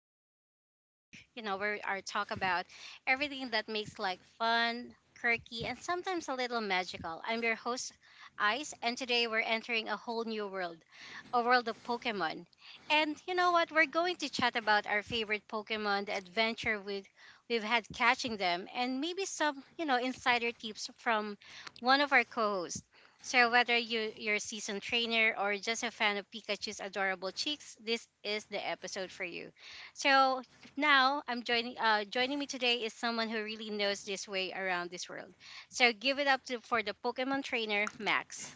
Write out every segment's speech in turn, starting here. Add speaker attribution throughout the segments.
Speaker 1: and the podcast that we're you know we are talk about everything that makes life fun, quirky, and sometimes a little magical. I'm your host Ice, and today we're entering a whole new world, a world of Pokemon. And you know what? We're going to chat about our favorite Pokemon, the adventure we've had catching them, and maybe some insider tips from one of our co-hosts. So whether you're a seasoned trainer or just a fan of Pikachu's adorable cheeks, this is the episode for you. So now I'm joining joining me today is someone who really knows this way around this world. So give it up for the Pokemon trainer Max.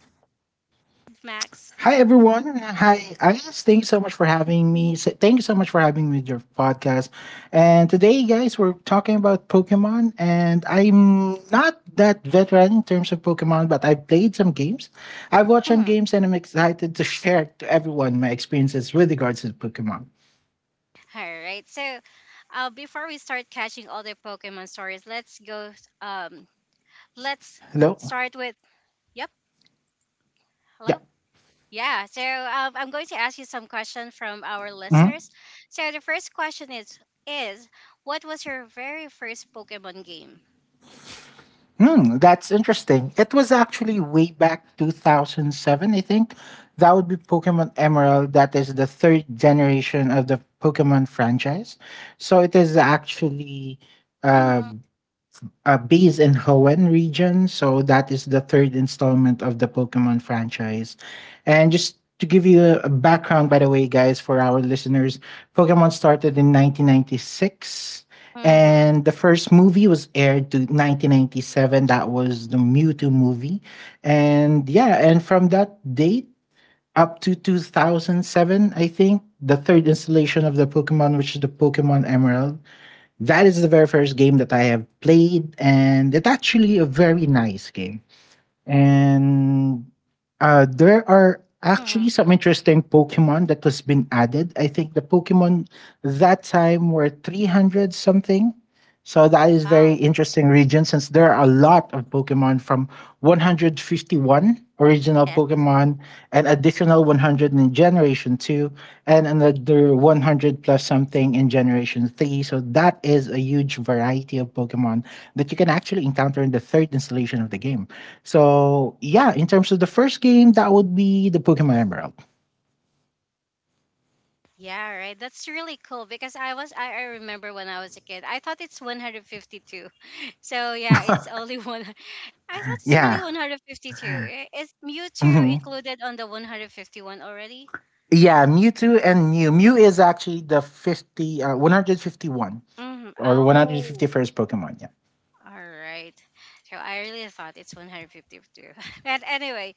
Speaker 1: Max.
Speaker 2: Hi everyone. Hi Ice. Thanks so much for having me. Thank you so much for having me with your podcast. And today, guys, we're talking about Pokemon. And I'm not that veteran in terms of Pokemon, but I've played some games. I've watched some
Speaker 1: Mhm.
Speaker 2: games, and I'm excited to share to everyone my experiences with regards to Pokemon.
Speaker 1: All right. So before we start catching all the Pokemon stories, um let's
Speaker 2: Hello.
Speaker 1: start with Yep.
Speaker 2: Yeah.
Speaker 1: Hello. Yeah, so I'm going to ask you some questions from our
Speaker 2: Mm-hmm.
Speaker 1: listeners. So the first question is what was your very first Pokemon game?
Speaker 2: That's interesting. It was actually way back 2007, I think. That would be Pokemon Emerald. That is the third generation of the Pokemon franchise. So it is actually uh,
Speaker 1: Mm-hmm.
Speaker 2: based in Hoenn region. So that is the third installment of the Pokemon franchise. And just to give you a background, by the way, guys, for our listeners, Pokemon started in 1996.
Speaker 1: Mm-hmm.
Speaker 2: And the first movie was aired to 1997. That was the Mewtwo movie. And yeah, and from that date up to 2007, I think, the third installation of the Pokemon, which is the Pokemon Emerald, that is the very first game that I have played, and it's actually a very nice game. And there are
Speaker 1: Mm-hmm.
Speaker 2: actually some interesting Pokemon that has been added. I think the Pokemon that time were 300 something. So that is very
Speaker 1: Wow.
Speaker 2: interesting region since there are a lot of Pokemon from 151 original
Speaker 1: Yes.
Speaker 2: Pokemon, and additional 100 in Generation 2, and another 100 plus something in Generation 3. So that is a huge variety of Pokemon that you can actually encounter in the third installation of the game. So, yeah, in terms of the first game, that would be the Pokemon Emerald.
Speaker 1: Yeah, right. That's really cool because I remember when I was a kid. I thought it's 152. So yeah, it's only one I thought it's really
Speaker 2: Yeah.
Speaker 1: 152. Is Mewtwo
Speaker 2: Mhm.
Speaker 1: included on the 151 already?
Speaker 2: Yeah, Mewtwo and Mew. Mew is actually the 151.
Speaker 1: Mm-hmm.
Speaker 2: Or
Speaker 1: Oh.
Speaker 2: 151st Pokemon. Yeah.
Speaker 1: All right. So I really thought it's 152. But anyway,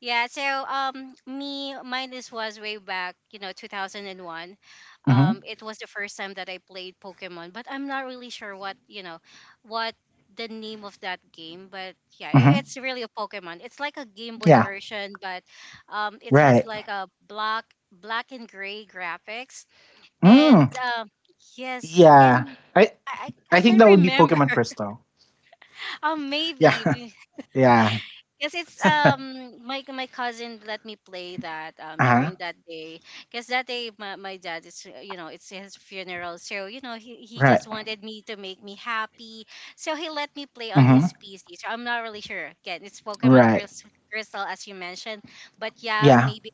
Speaker 1: yeah, so me mine this was way back, you know, 2001.
Speaker 2: Mm-hmm.
Speaker 1: It was the first time that I played Pokemon, but I'm not really sure what, you know, what the name of that game, but yeah,
Speaker 2: Mm-hmm.
Speaker 1: it's really a Pokemon. It's like a Game Boy
Speaker 2: Yeah.
Speaker 1: version, but it has
Speaker 2: Right.
Speaker 1: like a black and gray graphics and
Speaker 2: Mm.
Speaker 1: yes,
Speaker 2: Yeah.
Speaker 1: and
Speaker 2: I
Speaker 1: I I
Speaker 2: I
Speaker 1: I
Speaker 2: think
Speaker 1: can
Speaker 2: that would be
Speaker 1: remember
Speaker 2: Pokemon Crystal.
Speaker 1: Maybe
Speaker 2: Yeah.
Speaker 1: because
Speaker 2: yeah.
Speaker 1: it's my cousin let me play that
Speaker 2: uh-huh.
Speaker 1: during that day because that day my dad is you know it's his funeral so you know he
Speaker 2: Right.
Speaker 1: just wanted me to make me happy so he let me play on
Speaker 2: Mm-hmm.
Speaker 1: his PC, so I'm not really sure again it's
Speaker 2: Right.
Speaker 1: Crystal as you mentioned, but yeah
Speaker 2: Yeah.
Speaker 1: maybe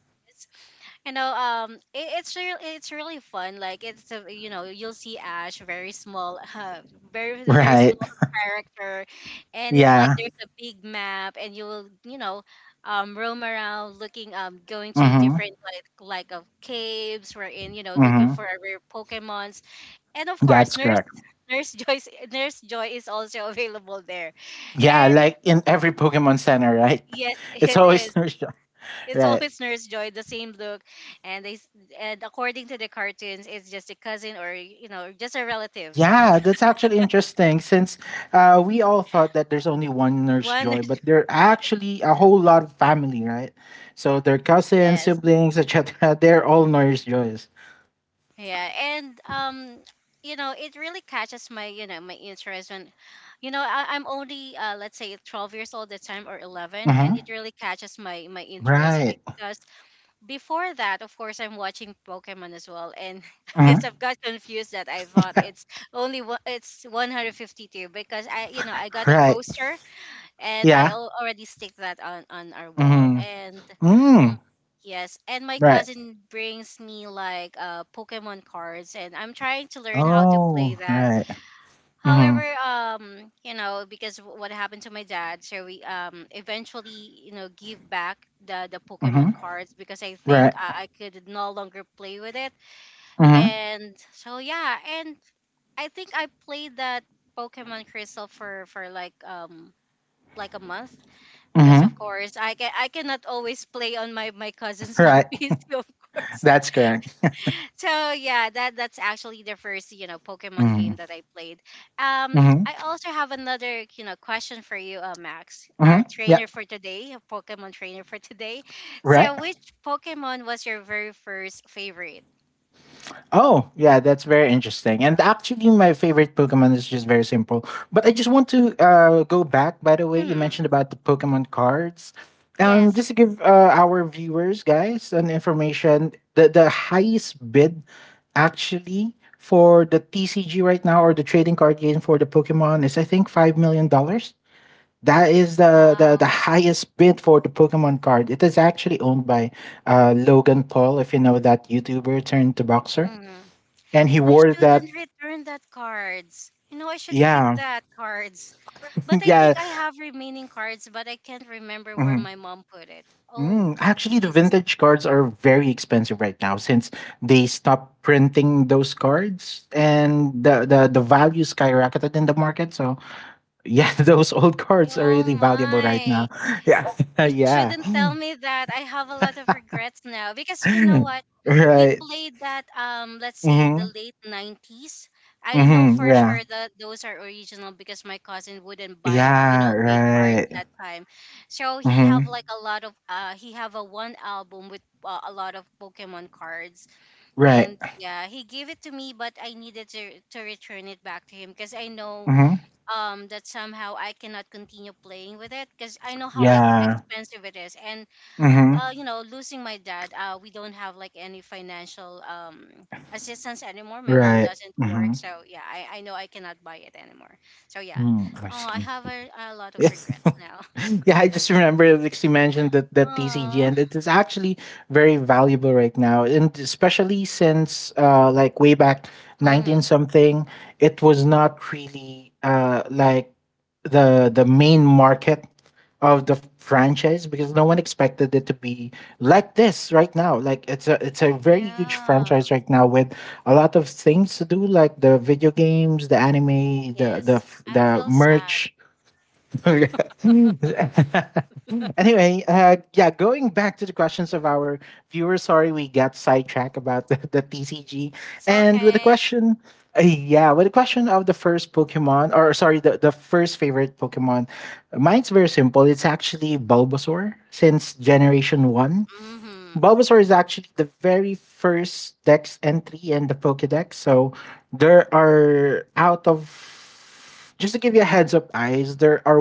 Speaker 1: you know it's really fun. Like it's a, you know you'll see ash very small very very
Speaker 2: Right.
Speaker 1: small character, and it's like
Speaker 2: Yeah.
Speaker 1: there's a big map and you will you know roam around looking going to
Speaker 2: Mm-hmm.
Speaker 1: different like of caves wherein you know looking
Speaker 2: Mm-hmm.
Speaker 1: for rare pokemons. And of course
Speaker 2: That's
Speaker 1: nurse
Speaker 2: correct.
Speaker 1: nurse joy's nurse joy is also available there.
Speaker 2: Yeah,
Speaker 1: And
Speaker 2: like in every Pokemon Center, right?
Speaker 1: yes
Speaker 2: It's
Speaker 1: it
Speaker 2: always
Speaker 1: is.
Speaker 2: Nurse.
Speaker 1: It's
Speaker 2: Right.
Speaker 1: always Nurse Joy, the same look, and and according to the cartoons, it's just a cousin or you know just a relative.
Speaker 2: Yeah, that's actually interesting since we all thought that there's only one nurse
Speaker 1: One,
Speaker 2: joy,
Speaker 1: Nurse-
Speaker 2: but there are actually a whole lot of family, right? So their cousins,
Speaker 1: yes,
Speaker 2: siblings, etc. They're all nurse joys.
Speaker 1: yeah, and you know it really catches my interest when, you know, I'm only let's say 12 years old at the time or 11, and
Speaker 2: Hmm
Speaker 1: it really catches my my interest
Speaker 2: Right.
Speaker 1: because before that, of course, I'm watching Pokemon as well, and
Speaker 2: hmm
Speaker 1: yes, I've got confused that I thought it's only one, it's 152 because I you know I got a
Speaker 2: Right.
Speaker 1: poster, and
Speaker 2: Yeah.
Speaker 1: already stick that on our wall.
Speaker 2: hmm
Speaker 1: And mm,
Speaker 2: Mm.
Speaker 1: yes, and my
Speaker 2: Right.
Speaker 1: cousin brings me like Pokemon cards, and I'm trying to learn how to play
Speaker 2: Oh,
Speaker 1: that.
Speaker 2: right. hmm
Speaker 1: However, you know, because what happened to my dad, so we eventually you know give back the
Speaker 2: hmm
Speaker 1: Pokemon cards because I
Speaker 2: Right.
Speaker 1: think I, I could no longer play with it,
Speaker 2: hmm
Speaker 1: and so yeah, and I think I played that Pokemon Crystal for like a month because
Speaker 2: hmm
Speaker 1: of course I cannot always play on my cousin's
Speaker 2: Right.
Speaker 1: copies of course.
Speaker 2: That's correct.
Speaker 1: So yeah, that that's actually the first you know Pokemon
Speaker 2: Hmm
Speaker 1: game that I played.
Speaker 2: hmm
Speaker 1: I also have another you know question for you, Max,
Speaker 2: hmm
Speaker 1: our
Speaker 2: Yeah.
Speaker 1: trainer for today, a Pokemon trainer for today.
Speaker 2: Right.
Speaker 1: So which Pokemon was your very first favorite?
Speaker 2: Oh, yeah, that's very interesting. And actually, my favorite Pokemon is just very simple. But I just want to go back, by the way, you
Speaker 1: Hmm
Speaker 2: mentioned about the Pokemon cards.
Speaker 1: Yes.
Speaker 2: Just to give our viewers, guys, an information, the highest bid actually for the TCG right now or the trading card game for the Pokemon is, I think, $5 million. Dollars. That is the
Speaker 1: Wow.
Speaker 2: highest bid for the Pokemon card. It is actually owned by Logan Paul, if you know that YouTuber turned to boxer
Speaker 1: Mm-hmm.
Speaker 2: and he
Speaker 1: I
Speaker 2: wore that.
Speaker 1: shouldn't return that cards. You know, I should keep
Speaker 2: Yeah,
Speaker 1: that cards. But I
Speaker 2: yeah.
Speaker 1: think I have remaining cards, but I can't remember where
Speaker 2: mhm.
Speaker 1: my mom put it. Oh,
Speaker 2: Actually, the
Speaker 1: jeez.
Speaker 2: vintage cards are very expensive right now since they stopped printing those cards, and the value skyrocketed in the market. So yeah, those old cards are
Speaker 1: Oh
Speaker 2: really valuable right now.
Speaker 1: my.
Speaker 2: Yeah,
Speaker 1: You
Speaker 2: yeah.
Speaker 1: shouldn't tell me that. I have a lot of regrets now because you know what? We
Speaker 2: Right.
Speaker 1: played that let's say the
Speaker 2: hmm
Speaker 1: late 90s. I know
Speaker 2: hmm
Speaker 1: for
Speaker 2: Yeah.
Speaker 1: sure that those are original because my cousin wouldn't buy you
Speaker 2: Yeah.
Speaker 1: know fake cards
Speaker 2: Right.
Speaker 1: that time. So he have
Speaker 2: hmm
Speaker 1: like a lot of he have a one album with a lot of Pokemon cards,
Speaker 2: Right.
Speaker 1: and yeah, he gave it to me but I needed to return it back to him because I know
Speaker 2: hmm
Speaker 1: that somehow I cannot continue playing with it because I know
Speaker 2: Yeah.
Speaker 1: expensive it is, and
Speaker 2: hmm
Speaker 1: you know losing my dad we don't have like any financial assistance anymore. My mom
Speaker 2: Right.
Speaker 1: doesn't
Speaker 2: hmm
Speaker 1: work, so yeah I know I cannot buy it anymore, so yeah
Speaker 2: Mm, I
Speaker 1: oh I
Speaker 2: see.
Speaker 1: have a lot of
Speaker 2: Yeah.
Speaker 1: regrets now.
Speaker 2: yeah, I just remember like she mentioned that TCG,
Speaker 1: oh
Speaker 2: and it is actually very valuable right now, and especially since like way back
Speaker 1: mm-hmm.
Speaker 2: nineteen something, it was not really like the main market of the franchise because no one expected it to be like this right now. Like it's a very huge
Speaker 1: yeah
Speaker 2: franchise right now with a lot of things to do, like the video games, the anime,
Speaker 1: yes I
Speaker 2: the
Speaker 1: feel sad.
Speaker 2: merch. Anyway, yeah, going back to the questions of our viewers. Sorry, we got sidetracked about the TCG,
Speaker 1: It's
Speaker 2: and with the
Speaker 1: okay
Speaker 2: question, yeah, with the question of the first Pokemon, or sorry, the first favorite Pokemon. Mine's very simple. It's actually Bulbasaur since Generation One.
Speaker 1: mm-hmm
Speaker 2: Bulbasaur is actually the very first Dex entry in the Pokedex. So there are out of just to give you a heads up, guys, there are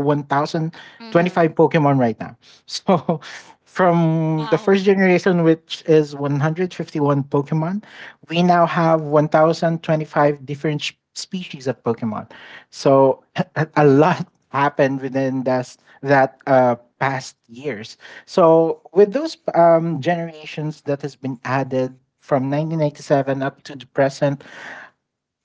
Speaker 1: mm-hmm
Speaker 2: 1,025 Pokemon right now. So from the first
Speaker 1: Wow.
Speaker 2: generation, which is 151 Pokemon, we now have 1,025 different species of Pokemon. So a
Speaker 1: mm-hmm
Speaker 2: lot happened within this, that past years. So with those generations that has been added from 1997 up to the present,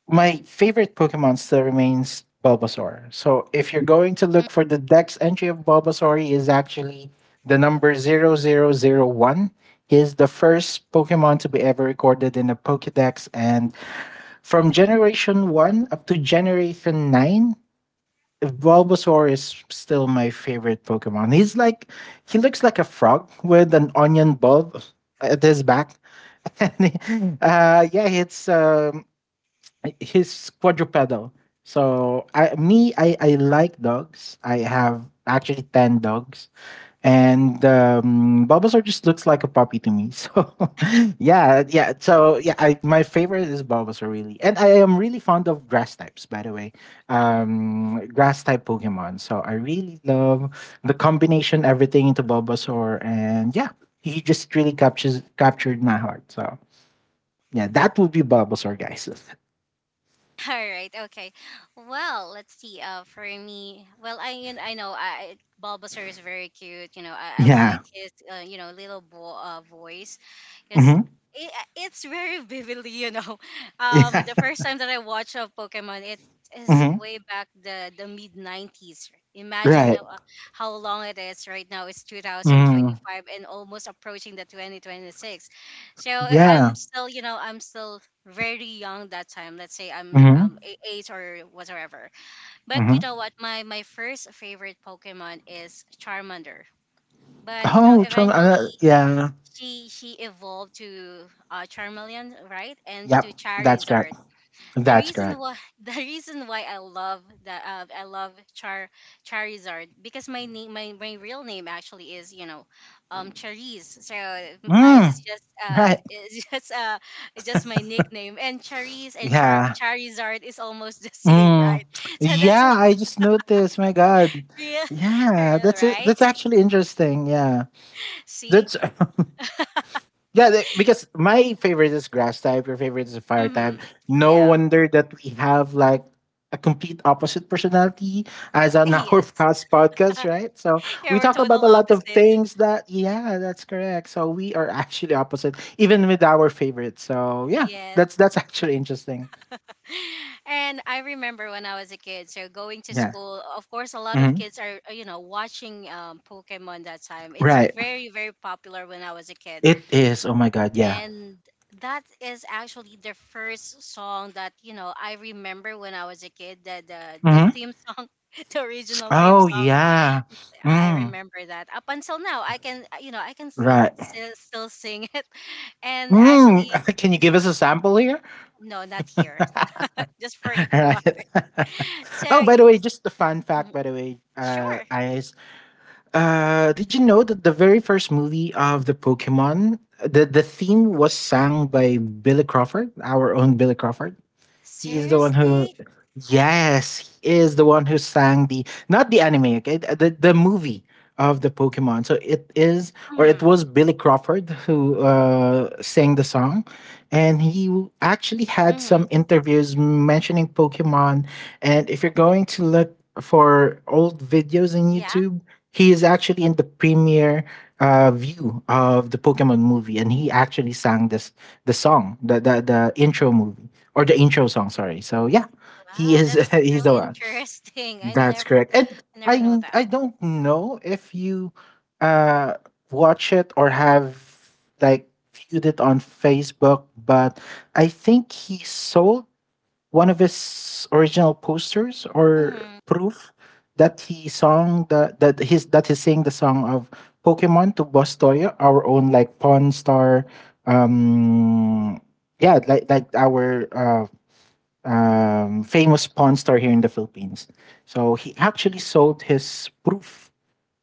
Speaker 2: my favorite Pokemon still remains Bulbasaur. So if you're going to look for the Dex entry of Bulbasaur, he is actually the number 0001. He is the first Pokemon to be ever recorded in a Pokedex, and from Generation One up to Generation Nine, Bulbasaur is still my favorite Pokemon. He looks like a frog with an onion bulb at his back. And yeah, it's he's quadrupedal. So I like dogs. I have actually 10 dogs, and Bulbasaur just looks like a puppy to me. So yeah, yeah. So yeah, my favorite is Bulbasaur really, and I am really fond of grass types. By the way, grass type Pokemon. So I really love the combination everything into Bulbasaur, and yeah, he just really captures captured my heart. So yeah, that would be Bulbasaur, guys.
Speaker 1: All right. Okay. Well, let's see. For me, well, I you know I Bulbasaur is very cute. You know, I
Speaker 2: yeah.
Speaker 1: like his you know little voice. It's
Speaker 2: hmm
Speaker 1: it, it's very vividly. You know,
Speaker 2: Yeah.
Speaker 1: the first time that I watched of Pokemon, it is
Speaker 2: hmm
Speaker 1: way back the mid nineties. Imagine now,
Speaker 2: Right.
Speaker 1: how long it is right now. It's two thousand
Speaker 2: hmm
Speaker 1: twenty five and almost approaching the 2026. So I'm
Speaker 2: Yeah.
Speaker 1: still, you know, I'm still very young that time. Let's say I'm
Speaker 2: hmm
Speaker 1: eight or whatever. But you
Speaker 2: hmm
Speaker 1: know what? My first favorite Pokemon is Charmander. But you know,
Speaker 2: Oh, Charm.
Speaker 1: eventually
Speaker 2: Yeah.
Speaker 1: she evolved to Charmeleon, right? And to
Speaker 2: Yep, that's correct.
Speaker 1: Charizard, the
Speaker 2: That's
Speaker 1: reason
Speaker 2: correct.
Speaker 1: why the reason why I love that I love Charizard because my real name actually is you know Chariz, so Ice is
Speaker 2: Mm,
Speaker 1: just
Speaker 2: right.
Speaker 1: is just it's just my nickname, and Chariz and
Speaker 2: Yeah.
Speaker 1: Charizard is almost the same
Speaker 2: Mm.
Speaker 1: right. So that's why
Speaker 2: Yeah, I just noticed. My God.
Speaker 1: real
Speaker 2: Yeah,
Speaker 1: real right
Speaker 2: that's actually interesting. Yeah,
Speaker 1: see
Speaker 2: that's Yeah, like, because my favorite is grass type, your favorite is fire type.
Speaker 1: mm-hmm.
Speaker 2: No
Speaker 1: yeah
Speaker 2: wonder that we have like a complete opposite personality as an our
Speaker 1: yes
Speaker 2: past podcast, right? So
Speaker 1: yeah
Speaker 2: we
Speaker 1: we're
Speaker 2: talk
Speaker 1: total
Speaker 2: about a lot of
Speaker 1: opposite.
Speaker 2: things that yeah, that's correct. So we are actually opposite, even with our favorite. So yeah, that's
Speaker 1: Yes
Speaker 2: that's actually interesting.
Speaker 1: And I remember when I was a kid, so going to
Speaker 2: Yeah.
Speaker 1: school, of course, a lot of
Speaker 2: hmm
Speaker 1: kids are, you know, watching Pokemon that time. It's
Speaker 2: Right.
Speaker 1: very, very popular when I was a kid.
Speaker 2: It is. Oh my god, yeah.
Speaker 1: And that is actually the first song that, you know, I remember when I was a kid, the
Speaker 2: hmm
Speaker 1: theme song. The original theme
Speaker 2: Oh
Speaker 1: song
Speaker 2: yeah.
Speaker 1: I
Speaker 2: Mm.
Speaker 1: remember that up until now. I can you know I can
Speaker 2: Right.
Speaker 1: still sing it. And
Speaker 2: Mm.
Speaker 1: actually
Speaker 2: Can you give us a sample here?
Speaker 1: no, not here. Just forgot about
Speaker 2: Right.
Speaker 1: it. so
Speaker 2: oh, by the
Speaker 1: y-
Speaker 2: way, just a fun fact.
Speaker 1: mhm.
Speaker 2: By the way,
Speaker 1: sure
Speaker 2: Ayes, did you know that the very first movie of the Pokemon, the theme was sung by Billy Crawford, our own Billy Crawford? He's the one who,
Speaker 1: Seriously?
Speaker 2: yes, he is the one who sang the not the anime, okay, the movie of the Pokemon. So it is or it
Speaker 1: Hmm
Speaker 2: was Billy Crawford who sang the song, and actually had
Speaker 1: hmm
Speaker 2: some interviews mentioning Pokemon. And if you're going to look for old videos in
Speaker 1: Yeah.
Speaker 2: YouTube, he is actually in the premiere view of the Pokemon movie, and he actually sang this the song, the intro movie or the intro song. Sorry. So yeah, he
Speaker 1: Wow,
Speaker 2: is
Speaker 1: that's
Speaker 2: he's the
Speaker 1: really
Speaker 2: one.
Speaker 1: interesting.
Speaker 2: That's correct. And
Speaker 1: I never know
Speaker 2: I
Speaker 1: that.
Speaker 2: don't know if you uh watch it or have like viewed it on Facebook, but I think he sold one of his original posters or
Speaker 1: Hmm
Speaker 2: proof that he song the that his that he's sang the song of Pokemon to Boss Toya, our own like Pawn Star um yeah, like our famous pawn store here in the Philippines. So he actually sold his proof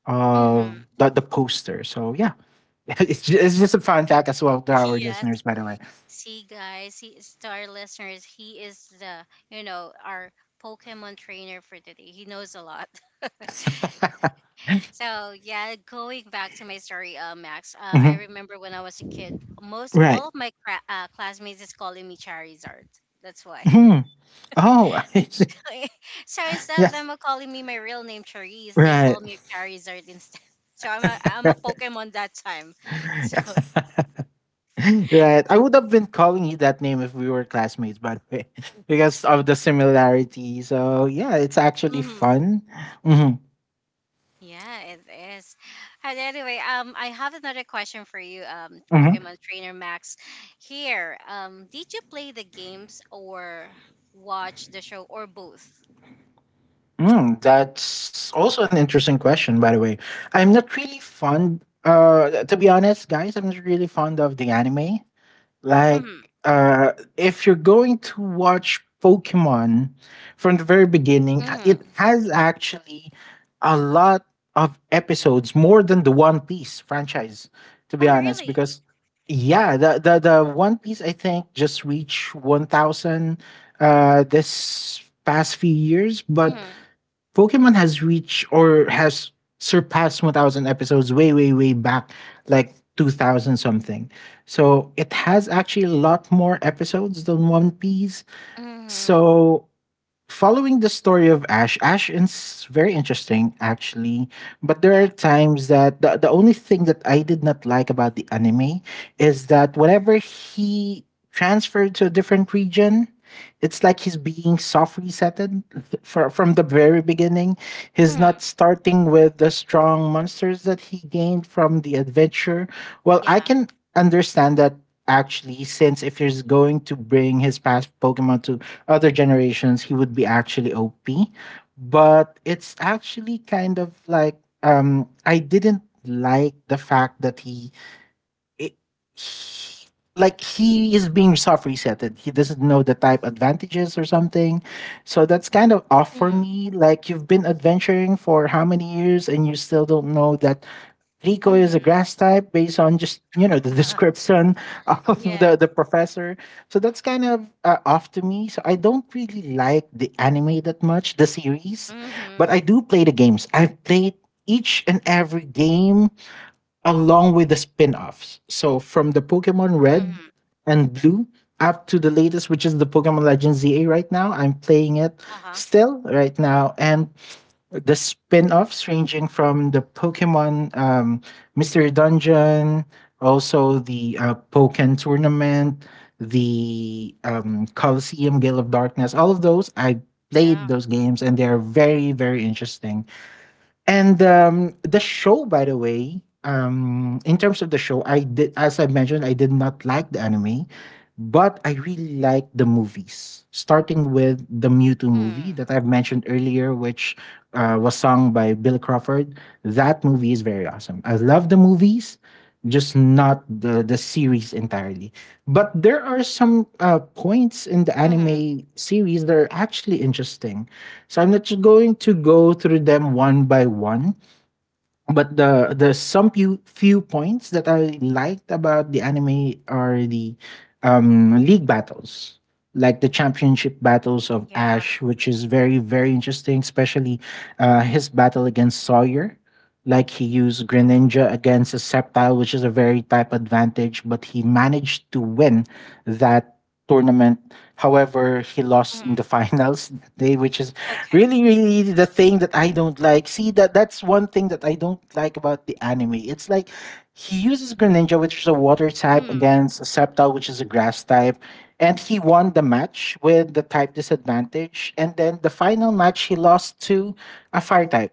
Speaker 2: of
Speaker 1: hmm
Speaker 2: the poster. So yeah, it's just a fun fact as well to our
Speaker 1: Yes.
Speaker 2: listeners, by the way.
Speaker 1: See, guys, see, our listeners, he is the, you know, our Pokemon trainer for today. He knows a lot. So yeah, going back to my story, Max. I
Speaker 2: Mhm.
Speaker 1: remember when I was a kid, most
Speaker 2: Right.
Speaker 1: all of my classmates is calling me Charizard. That's why.
Speaker 2: Mhm. Oh, I see.
Speaker 1: So instead of
Speaker 2: Yeah.
Speaker 1: them calling me my real name Charisse, they
Speaker 2: Right.
Speaker 1: call me Charizard instead. So I'm a
Speaker 2: right.
Speaker 1: Pokemon that time. So
Speaker 2: I would have been calling you that name if we were classmates, by the way, because of the similarity. So yeah, it's actually
Speaker 1: mhm.
Speaker 2: fun. Hmm
Speaker 1: yeah, it is. And anyway, I have another question for you, Pokemon Trainer Max. Here, did you play the games or watch the show or both?
Speaker 2: Mm, that's also an interesting question, by the way. I'm not really fond, to be honest, guys, I'm not really fond of the anime. Like,
Speaker 1: Mm-hmm.
Speaker 2: if you're going to watch Pokemon from the very beginning, it
Speaker 1: Mm-hmm.
Speaker 2: has actually a lot of episodes, more than the One Piece franchise, to be
Speaker 1: Oh,
Speaker 2: honest,
Speaker 1: really?
Speaker 2: because yeah, the One Piece, I think, just reached 1,000 this past few years, but
Speaker 1: Mm-hmm.
Speaker 2: Pokemon has reached or has surpassed 1,000 episodes way back like 2000 something. So it has actually a lot more episodes than One Piece.
Speaker 1: Mm-hmm.
Speaker 2: So following the story of Ash, Ash is very interesting actually, but there
Speaker 1: Yeah.
Speaker 2: are times that the only thing that I did not like about the anime is that whenever he transferred to a different region, it's like he's being soft resetted from the very beginning. He's not
Speaker 1: Mm-hmm.
Speaker 2: starting with the strong monsters that he gained from the adventure. Well, I
Speaker 1: Yeah.
Speaker 2: can understand that actually, since if he's going to bring his past Pokemon to other generations, he would be actually OP. But it's actually kind of like I didn't like the fact that it, he- like he is being soft resetted. He doesn't know the type advantages or something. So that's kind of off for
Speaker 1: Mm-hmm.
Speaker 2: me. Like you've been adventuring for how many years and you still don't know that Rico
Speaker 1: Mm-hmm.
Speaker 2: is a grass type based on just, the description of
Speaker 1: yeah.
Speaker 2: the professor. So that's kind of off to me. So I don't really like the anime that much, the series, but
Speaker 1: Mm-hmm.
Speaker 2: I do play the games. I've played each and every game along with the spin-offs. So from the Pokemon Red
Speaker 1: Mm-hmm.
Speaker 2: and Blue up to the latest, which is the Pokemon Legends ZA right now. I'm playing it
Speaker 1: Uh-huh.
Speaker 2: still right now. And the spin-offs ranging from the Pokemon Mystery Dungeon, also the Pokken Tournament, the Coliseum Gale of Darkness, all of those. I played
Speaker 1: Yeah.
Speaker 2: those games and they're very, very interesting. And the show, by the way, in terms of the show, I did, as I mentioned, I did not like the anime, but I really liked the movies. Starting with the Mewtwo movie
Speaker 1: Mm.
Speaker 2: that I've mentioned earlier, which was sung by Bill Crawford. That movie is very awesome. I love the movies, just not the series entirely. But there are some points in the
Speaker 1: Mm-hmm.
Speaker 2: anime series that are actually interesting, so I'm not just going to go through them one by one, but the some few points that I liked about the anime are the league battles, like the championship battles of
Speaker 1: Yeah.
Speaker 2: Ash, which is very very interesting, especially his battle against Sawyer. Like he used
Speaker 1: Mm-hmm.
Speaker 2: Greninja against a Sceptile, which is a very type advantage, but he managed to win that tournament. However, he lost in
Speaker 1: hmm
Speaker 2: the finals that day, which is
Speaker 1: Okay.
Speaker 2: really really the thing that I don't like. See that's one thing that I don't like about the anime. It's like he uses Greninja, which is a water type,
Speaker 1: Mm.
Speaker 2: against a Sceptile, which is a grass type, and he won the match with the type disadvantage. And then the final match he lost to a fire type.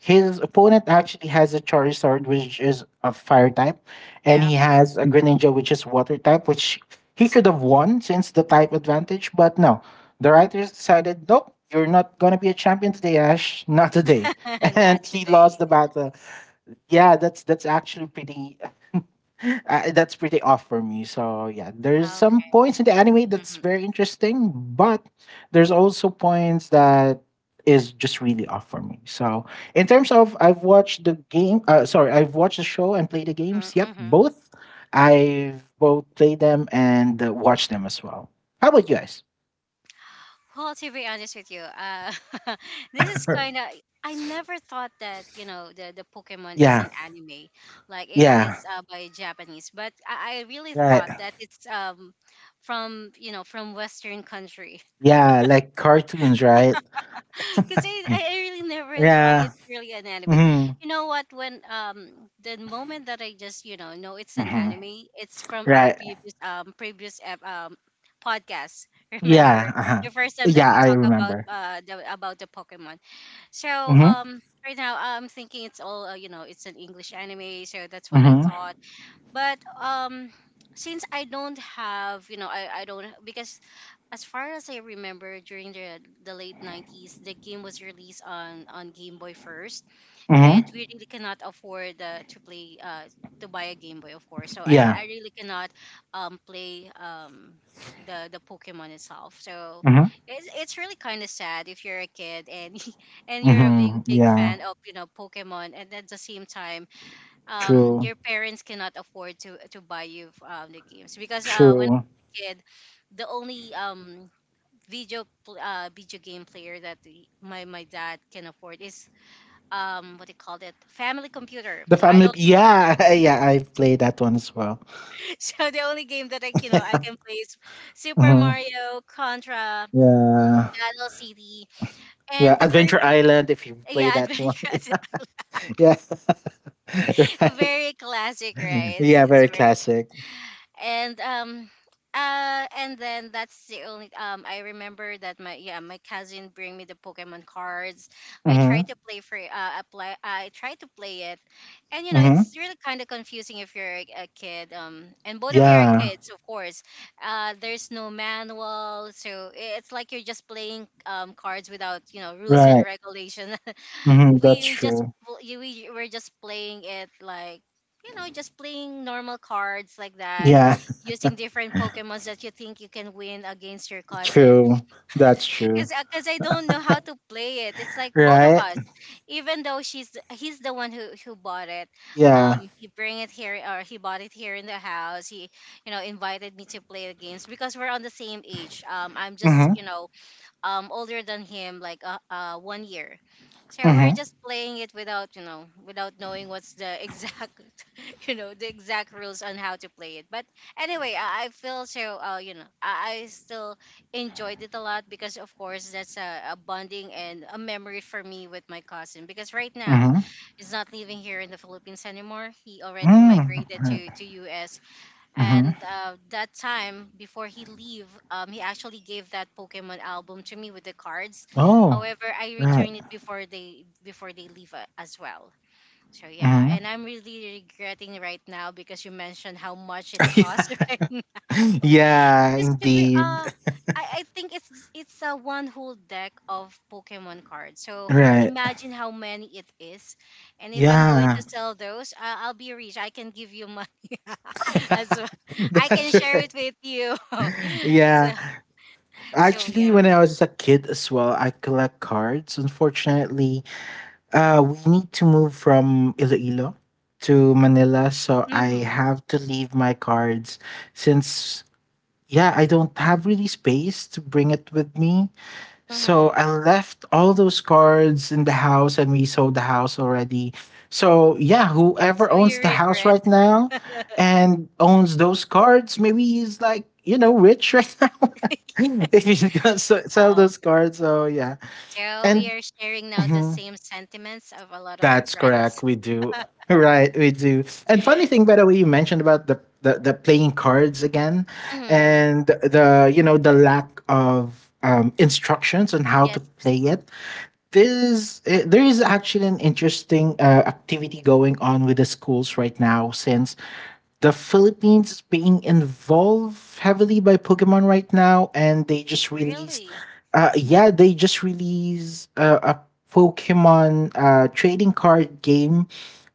Speaker 2: His opponent actually has a Charizard, which is a fire type, and
Speaker 1: Yeah.
Speaker 2: he has a Greninja, which is water type, which he could have won since the type advantage. But no, the writers decided, nope, you're not going to be a champion today, Ash. Not today.
Speaker 1: Not
Speaker 2: And he lost
Speaker 1: today.
Speaker 2: the battle. Yeah, that's actually pretty that's pretty off for me. So yeah, there's some
Speaker 1: Okay.
Speaker 2: points in the anime that's
Speaker 1: Mm-hmm.
Speaker 2: very interesting, but there's also points that is just really off for me. So in terms of I've watched the game, I've watched the show and played the
Speaker 1: Mm-hmm.
Speaker 2: games. Yep,
Speaker 1: Mm-hmm.
Speaker 2: both. I've both played them and watched them as well. How about you guys?
Speaker 1: Well, to be honest with you, this is kind of I never thought that you know the Pokemon is
Speaker 2: Yeah,
Speaker 1: an anime, like it
Speaker 2: yeah,
Speaker 1: is by Japanese. But I really
Speaker 2: right.
Speaker 1: thought that it's from you know from Western country.
Speaker 2: Yeah, like cartoons, right?
Speaker 1: Because I really never thought
Speaker 2: yeah.
Speaker 1: it's really an anime.
Speaker 2: Mhm.
Speaker 1: You know what? When the moment that I just you know it's an
Speaker 2: Mm-hmm.
Speaker 1: anime, it's from our
Speaker 2: Right.
Speaker 1: previous podcast. Remember
Speaker 2: Yeah. Uh-huh.
Speaker 1: the first time that
Speaker 2: Yeah,
Speaker 1: we
Speaker 2: I
Speaker 1: talk about
Speaker 2: remember.
Speaker 1: about the Pokemon. So
Speaker 2: Mm-hmm.
Speaker 1: right now I'm thinking it's all you know it's an English anime, so that's what I
Speaker 2: Mm-hmm.
Speaker 1: thought. But Since I don't have, you know, I don't because as far as I remember, during the late nineties, the game was released on Game Boy first, and
Speaker 2: Mm-hmm.
Speaker 1: we really cannot afford to buy a Game Boy, of course. So I
Speaker 2: Yeah.
Speaker 1: I really cannot play the Pokemon itself. So
Speaker 2: Mm-hmm.
Speaker 1: it's really kind of sad if you're a kid and and you're a big
Speaker 2: Mm-hmm.
Speaker 1: big
Speaker 2: Yeah.
Speaker 1: fan of Pokemon, and at the same time,
Speaker 2: True.
Speaker 1: your parents cannot afford to buy you the games because when I
Speaker 2: True.
Speaker 1: was a kid, the only video game player that my dad can afford is what they called it, family computer,
Speaker 2: The
Speaker 1: I
Speaker 2: family.
Speaker 1: don't.
Speaker 2: Yeah. Yeah. I played that one as well.
Speaker 1: So the only game that I you know I can play is Super
Speaker 2: Mm-hmm.
Speaker 1: Mario, Contra,
Speaker 2: Yeah.
Speaker 1: Battle City,
Speaker 2: Yeah.
Speaker 1: and the first,
Speaker 2: Adventure Island. If you play
Speaker 1: yeah,
Speaker 2: that
Speaker 1: Adventure,
Speaker 2: one. yeah.
Speaker 1: Adventure.
Speaker 2: right.
Speaker 1: Very classic, right?
Speaker 2: Yeah.
Speaker 1: It's
Speaker 2: Very
Speaker 1: very.
Speaker 2: classic.
Speaker 1: And and then that's the only I remember that my, yeah, my cousin bring me the Pokemon cards. I try
Speaker 2: Mm-hmm.
Speaker 1: to play for apply I try to play it, and you know
Speaker 2: Mm-hmm.
Speaker 1: it's really kind of confusing if you're a kid and both of you are
Speaker 2: Yeah.
Speaker 1: kids, of course. There's no manual, so it's like you're just playing cards without rules and
Speaker 2: Right.
Speaker 1: regulation.
Speaker 2: Mm-hmm. That's
Speaker 1: we we just
Speaker 2: true.
Speaker 1: pl- y- we were just playing it like, just playing normal cards like that,
Speaker 2: Yeah.
Speaker 1: using different pokemons that you think you can win against your cousin,
Speaker 2: True. That's true.
Speaker 1: because I don't know how to play it. It's like both of
Speaker 2: Right.
Speaker 1: us, even though he's the one who bought it.
Speaker 2: Yeah.
Speaker 1: He bring it here, or he bought it here in the house. He, you know, invited me to play the games because we're on the same age. I'm just,
Speaker 2: Mhm,
Speaker 1: you know, older than him like 1 year, so we're
Speaker 2: mhm,
Speaker 1: just playing it without, you know, without knowing what's the exact you know, the exact rules on how to play it. But anyway, I feel so you know, I still enjoyed it a lot because of course that's a bonding and a memory for me with my cousin, because right now
Speaker 2: mhm.
Speaker 1: he's not living here in the Philippines anymore. He already
Speaker 2: Mm,
Speaker 1: migrated
Speaker 2: right,
Speaker 1: to US.
Speaker 2: mhm.
Speaker 1: And that time before he leave, he actually gave that Pokemon album to me with the cards.
Speaker 2: Oh,
Speaker 1: However, I
Speaker 2: right,
Speaker 1: returned it before they leave, as well. So yeah,
Speaker 2: mhm.
Speaker 1: and I'm really regretting right now because you mentioned how much it costs.
Speaker 2: Yeah,
Speaker 1: Right,
Speaker 2: yeah,
Speaker 1: just to be,
Speaker 2: indeed.
Speaker 1: I think it's a one whole deck of Pokemon cards. So
Speaker 2: Right.
Speaker 1: imagine how many it is, and if I'm going
Speaker 2: Yeah.
Speaker 1: to sell those, I'll be rich. I can give you money as well. I can
Speaker 2: That's
Speaker 1: share
Speaker 2: right.
Speaker 1: it with you.
Speaker 2: Yeah.
Speaker 1: So so
Speaker 2: Actually, when
Speaker 1: yeah.
Speaker 2: I was a kid as well, I collect cards. Unfortunately, we need to move from Iloilo to Manila, so I
Speaker 1: Mhm.
Speaker 2: have to leave my cards since yeah, I don't have really space to bring it with me. So I
Speaker 1: Mhm.
Speaker 2: left all those cards in the house and we sold the house already. So yeah, whoever
Speaker 1: So you
Speaker 2: owns the house
Speaker 1: regret?
Speaker 2: right now and owns those cards, maybe he's like, rich right now. If
Speaker 1: Yes.
Speaker 2: he's gonna s- sell
Speaker 1: Oh.
Speaker 2: those cards. So yeah.
Speaker 1: So we
Speaker 2: And
Speaker 1: are sharing now the
Speaker 2: mm-hmm.
Speaker 1: same sentiments of a lot of
Speaker 2: That's correct.
Speaker 1: regrets.
Speaker 2: We do. Right, we do. And funny thing, by the way, you mentioned about the playing cards again,
Speaker 1: Mhm.
Speaker 2: and the the lack of instructions on how to
Speaker 1: Yes.
Speaker 2: play it. This there is actually an interesting activity going on with the schools right now since the Philippines is being involved heavily by Pokemon right now, and they just released
Speaker 1: Really.
Speaker 2: yeah, they just released a Pokemon trading card game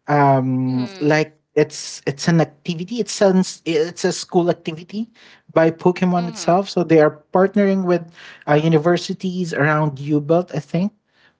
Speaker 1: Mhm.
Speaker 2: like it's an activity, it's a school activity by Pokemon
Speaker 1: Mhm.
Speaker 2: itself. So they are partnering with universities around U-Belt, I think,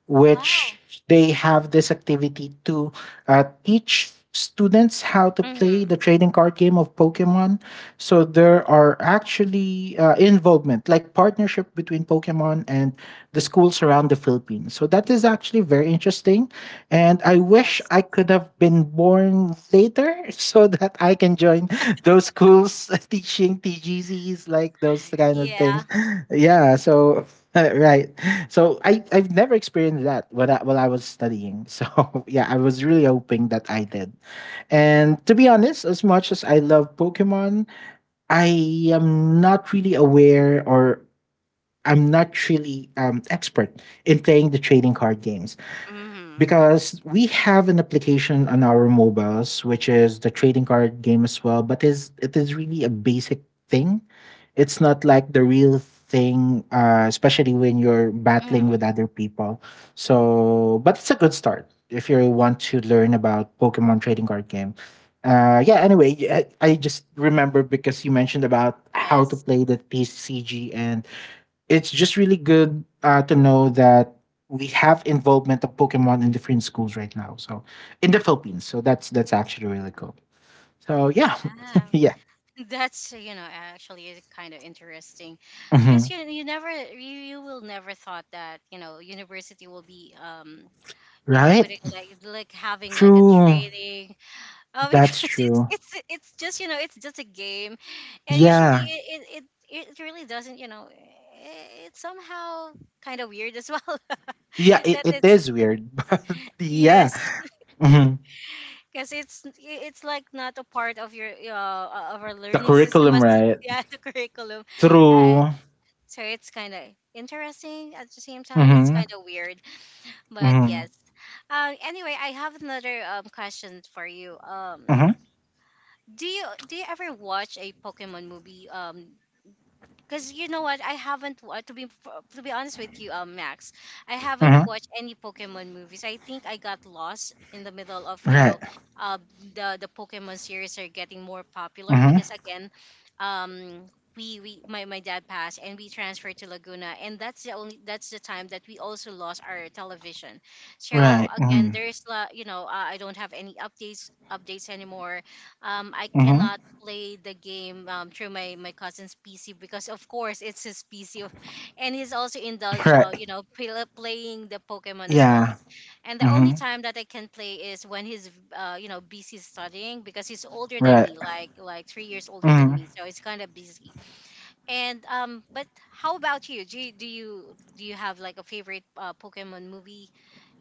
Speaker 2: which
Speaker 1: Wow.
Speaker 2: they have this activity to teach students how to play
Speaker 1: Mm-hmm.
Speaker 2: the trading card game of Pokemon. So there are actually involvement like partnership between Pokemon and the schools around the Philippines, so that is actually very interesting. And I
Speaker 1: Yes.
Speaker 2: wish I could have been born later so that I can join those schools teaching T G TGCs, like those kind of
Speaker 1: Yeah.
Speaker 2: things. Yeah, so right. So I've never experienced that while I was studying. So yeah, I was really hoping that I did. And to be honest, as much as I love Pokemon, I am not really aware or I'm not really expert in playing the trading card games
Speaker 1: Mm-hmm.
Speaker 2: because we have an application on our mobiles which is the trading card game as well, but is it is really a basic thing. It's not like the real thing, especially when you're battling
Speaker 1: Mm-hmm.
Speaker 2: with other people. So but it's a good start if you want to learn about Pokemon trading card game. Yeah, anyway, I just remember because you mentioned about how to
Speaker 1: Yes.
Speaker 2: play the TCG, and it's just really good to know that we have involvement of Pokemon in different schools right now. So in the Philippines, so that's actually really cool. So yeah,
Speaker 1: Yeah.
Speaker 2: yeah,
Speaker 1: That's, you know, actually is kind of interesting, because
Speaker 2: mhm.
Speaker 1: you will never thought that, you know, university will be you know,
Speaker 2: Right.
Speaker 1: putting like, having like a
Speaker 2: True,
Speaker 1: training, because
Speaker 2: that's
Speaker 1: it's
Speaker 2: true.
Speaker 1: it's it's just, you know, it's just a game, and usually
Speaker 2: Yeah,
Speaker 1: it really doesn't, you know, it's somehow kind of weird as well.
Speaker 2: yeah,
Speaker 1: That
Speaker 2: it
Speaker 1: it's,
Speaker 2: is weird, but yeah,
Speaker 1: yes,
Speaker 2: mhm.
Speaker 1: because it's like not a part of your of our
Speaker 2: The
Speaker 1: learning system,
Speaker 2: curriculum,
Speaker 1: as
Speaker 2: right?
Speaker 1: yeah, the curriculum, yeah.
Speaker 2: True.
Speaker 1: So it's kind of interesting, at the same time it's
Speaker 2: Mm-hmm.
Speaker 1: kind of weird, but
Speaker 2: Mm-hmm.
Speaker 1: yes. Anyway, I have another question for you.
Speaker 2: Mm-hmm.
Speaker 1: Do you ever watch a Pokemon movie because, you know what, I haven't to be honest with you, Max, I haven't
Speaker 2: Hmm.
Speaker 1: watched any Pokemon movies. I think I got lost in the middle of, you know,
Speaker 2: Right.
Speaker 1: the Pokemon series are getting more popular
Speaker 2: Mm-hmm.
Speaker 1: because, again, um, my dad passed and we transferred to Laguna, and that's the only that's the time that we also lost our television. So
Speaker 2: Right.
Speaker 1: again,
Speaker 2: Mm-hmm.
Speaker 1: there's la you know, I don't have any updates anymore. I
Speaker 2: Mm-hmm.
Speaker 1: cannot play the game through my cousin's PC because of course it's his PC. And he's also indulged,
Speaker 2: Right.
Speaker 1: you know, playing the Pokemon as well.
Speaker 2: Yeah.
Speaker 1: And the only
Speaker 2: Mm-hmm.
Speaker 1: time that I can play is when he's, you know, busy studying because he's older than
Speaker 2: Right.
Speaker 1: me like 3 years older than me.
Speaker 2: Mm-hmm.
Speaker 1: So it's kind of busy. And but how about you? Do you have like a favorite Pokemon movie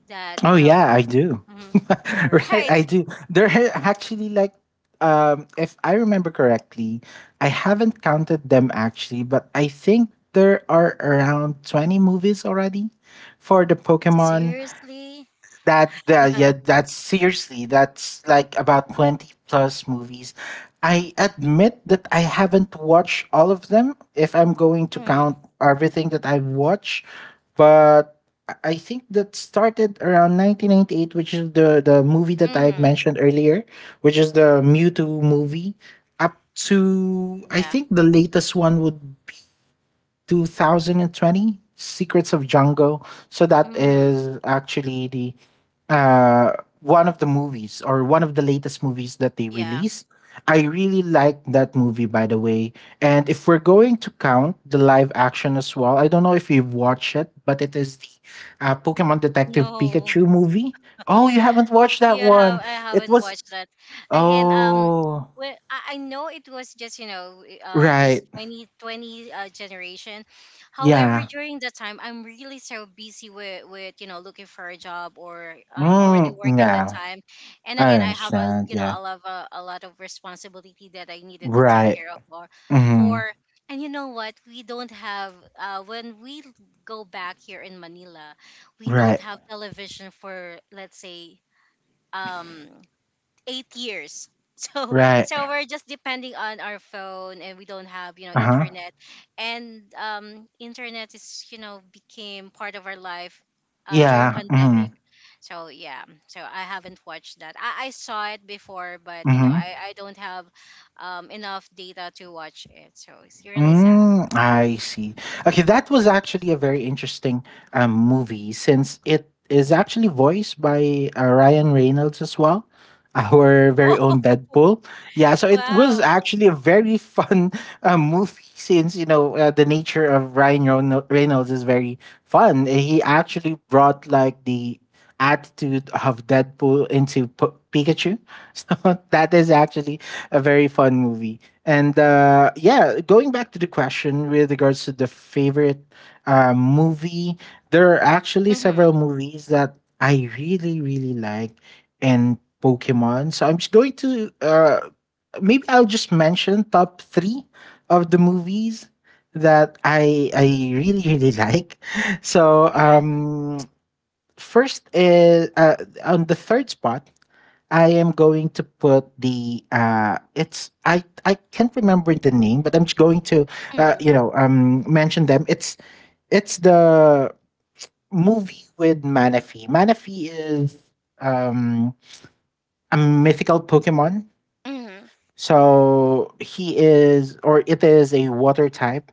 Speaker 1: that,
Speaker 2: Oh
Speaker 1: you know.
Speaker 2: yeah, I do.
Speaker 1: Mhm. All
Speaker 2: Right,
Speaker 1: right.
Speaker 2: I do. There are actually like if I remember correctly, I haven't counted them actually, but I think there are around 20 movies already for the Pokemon.
Speaker 1: Seriously?
Speaker 2: That yeah, that's seriously, that's like about 20 plus movies. I admit that I haven't watched all of them if I'm going to count everything that I have watched. But I think that started around 1998, which is the movie that I
Speaker 1: Mm-hmm.
Speaker 2: mentioned earlier, which is the Mewtwo movie, up to I
Speaker 1: Yeah.
Speaker 2: think the latest one would 2020 Secrets of Django. So that
Speaker 1: Mm.
Speaker 2: is actually the uh one of the movies or one of the latest movies that they
Speaker 1: Yeah.
Speaker 2: released. I really like that movie, by the way. And if we're going to count the live action as well, I don't know if you've watched it, but it is the Pokemon Detective
Speaker 1: No.
Speaker 2: Pikachu movie. Oh, you haven't watched that
Speaker 1: You have,
Speaker 2: one.
Speaker 1: I
Speaker 2: It
Speaker 1: haven't
Speaker 2: was
Speaker 1: watched that. Again,
Speaker 2: oh
Speaker 1: well, I know it was just, you know, this
Speaker 2: right
Speaker 1: 2020, generation. However,
Speaker 2: yeah
Speaker 1: during that time I'm really so busy with, you know, looking for a job, or already
Speaker 2: mm,
Speaker 1: working that
Speaker 2: yeah
Speaker 1: time. And
Speaker 2: I
Speaker 1: again, I have, a,
Speaker 2: understand
Speaker 1: you know,
Speaker 2: yeah.
Speaker 1: a lot of responsibility that I needed to take
Speaker 2: Right.
Speaker 1: care of, or
Speaker 2: Mhm.
Speaker 1: for. And you know what? We don't have, when we go back here in Manila, we don't
Speaker 2: Right.
Speaker 1: have television for, let's say, um 8 years. So
Speaker 2: Right.
Speaker 1: so we're just depending on our phone, and we don't have, you know,
Speaker 2: Uh-huh.
Speaker 1: internet. And internet is, you know, became part of our life during
Speaker 2: Yeah.
Speaker 1: pandemic.
Speaker 2: Mhm.
Speaker 1: So yeah, so I haven't watched that. I saw it before, but you know,
Speaker 2: Mhm.
Speaker 1: I don't have enough data to watch it. So it's really sad.
Speaker 2: Mm, I see. Okay, that was actually a very interesting movie since it is actually voiced by Ryan Reynolds as well, our very
Speaker 1: Oh,
Speaker 2: own Deadpool. Yeah, so it was
Speaker 1: wow.
Speaker 2: actually a very fun movie since, the nature of Reynolds is very fun. He actually brought like the attitude of Deadpool into Pikachu, so that is actually a very fun movie. And yeah, going back to the question with regards to the favorite movie, there are actually
Speaker 1: Mm-hmm.
Speaker 2: several movies that I really, really like in Pokemon. So I'm just going to maybe I'll just mention top three of the movies that I really really like. So
Speaker 1: Yeah.
Speaker 2: first is on the third spot I am going to put the it's I can't remember the name, but I'm just going to
Speaker 1: Mm-hmm.
Speaker 2: mention them. It's the movie with Manaphy. Manaphy is um a mythical Pokemon.
Speaker 1: Mm-hmm.
Speaker 2: So he is or it is a water type,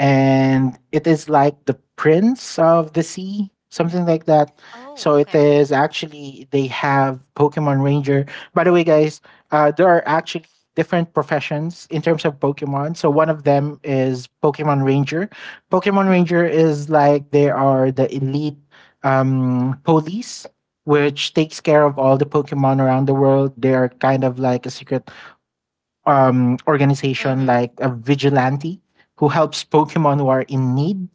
Speaker 2: and it is like the prince of the sea, something like that.
Speaker 1: Oh,
Speaker 2: So it
Speaker 1: okay.
Speaker 2: is actually they have Pokemon Ranger, by the way guys, there are actually different professions in terms of Pokemon. So one of them is Pokemon Ranger. Pokemon
Speaker 1: Mm-hmm.
Speaker 2: Ranger is like they are the elite police, which takes care of all the Pokemon around the world. They are kind of like a secret organization,
Speaker 1: Mm-hmm.
Speaker 2: like a vigilante who helps Pokemon who are in need.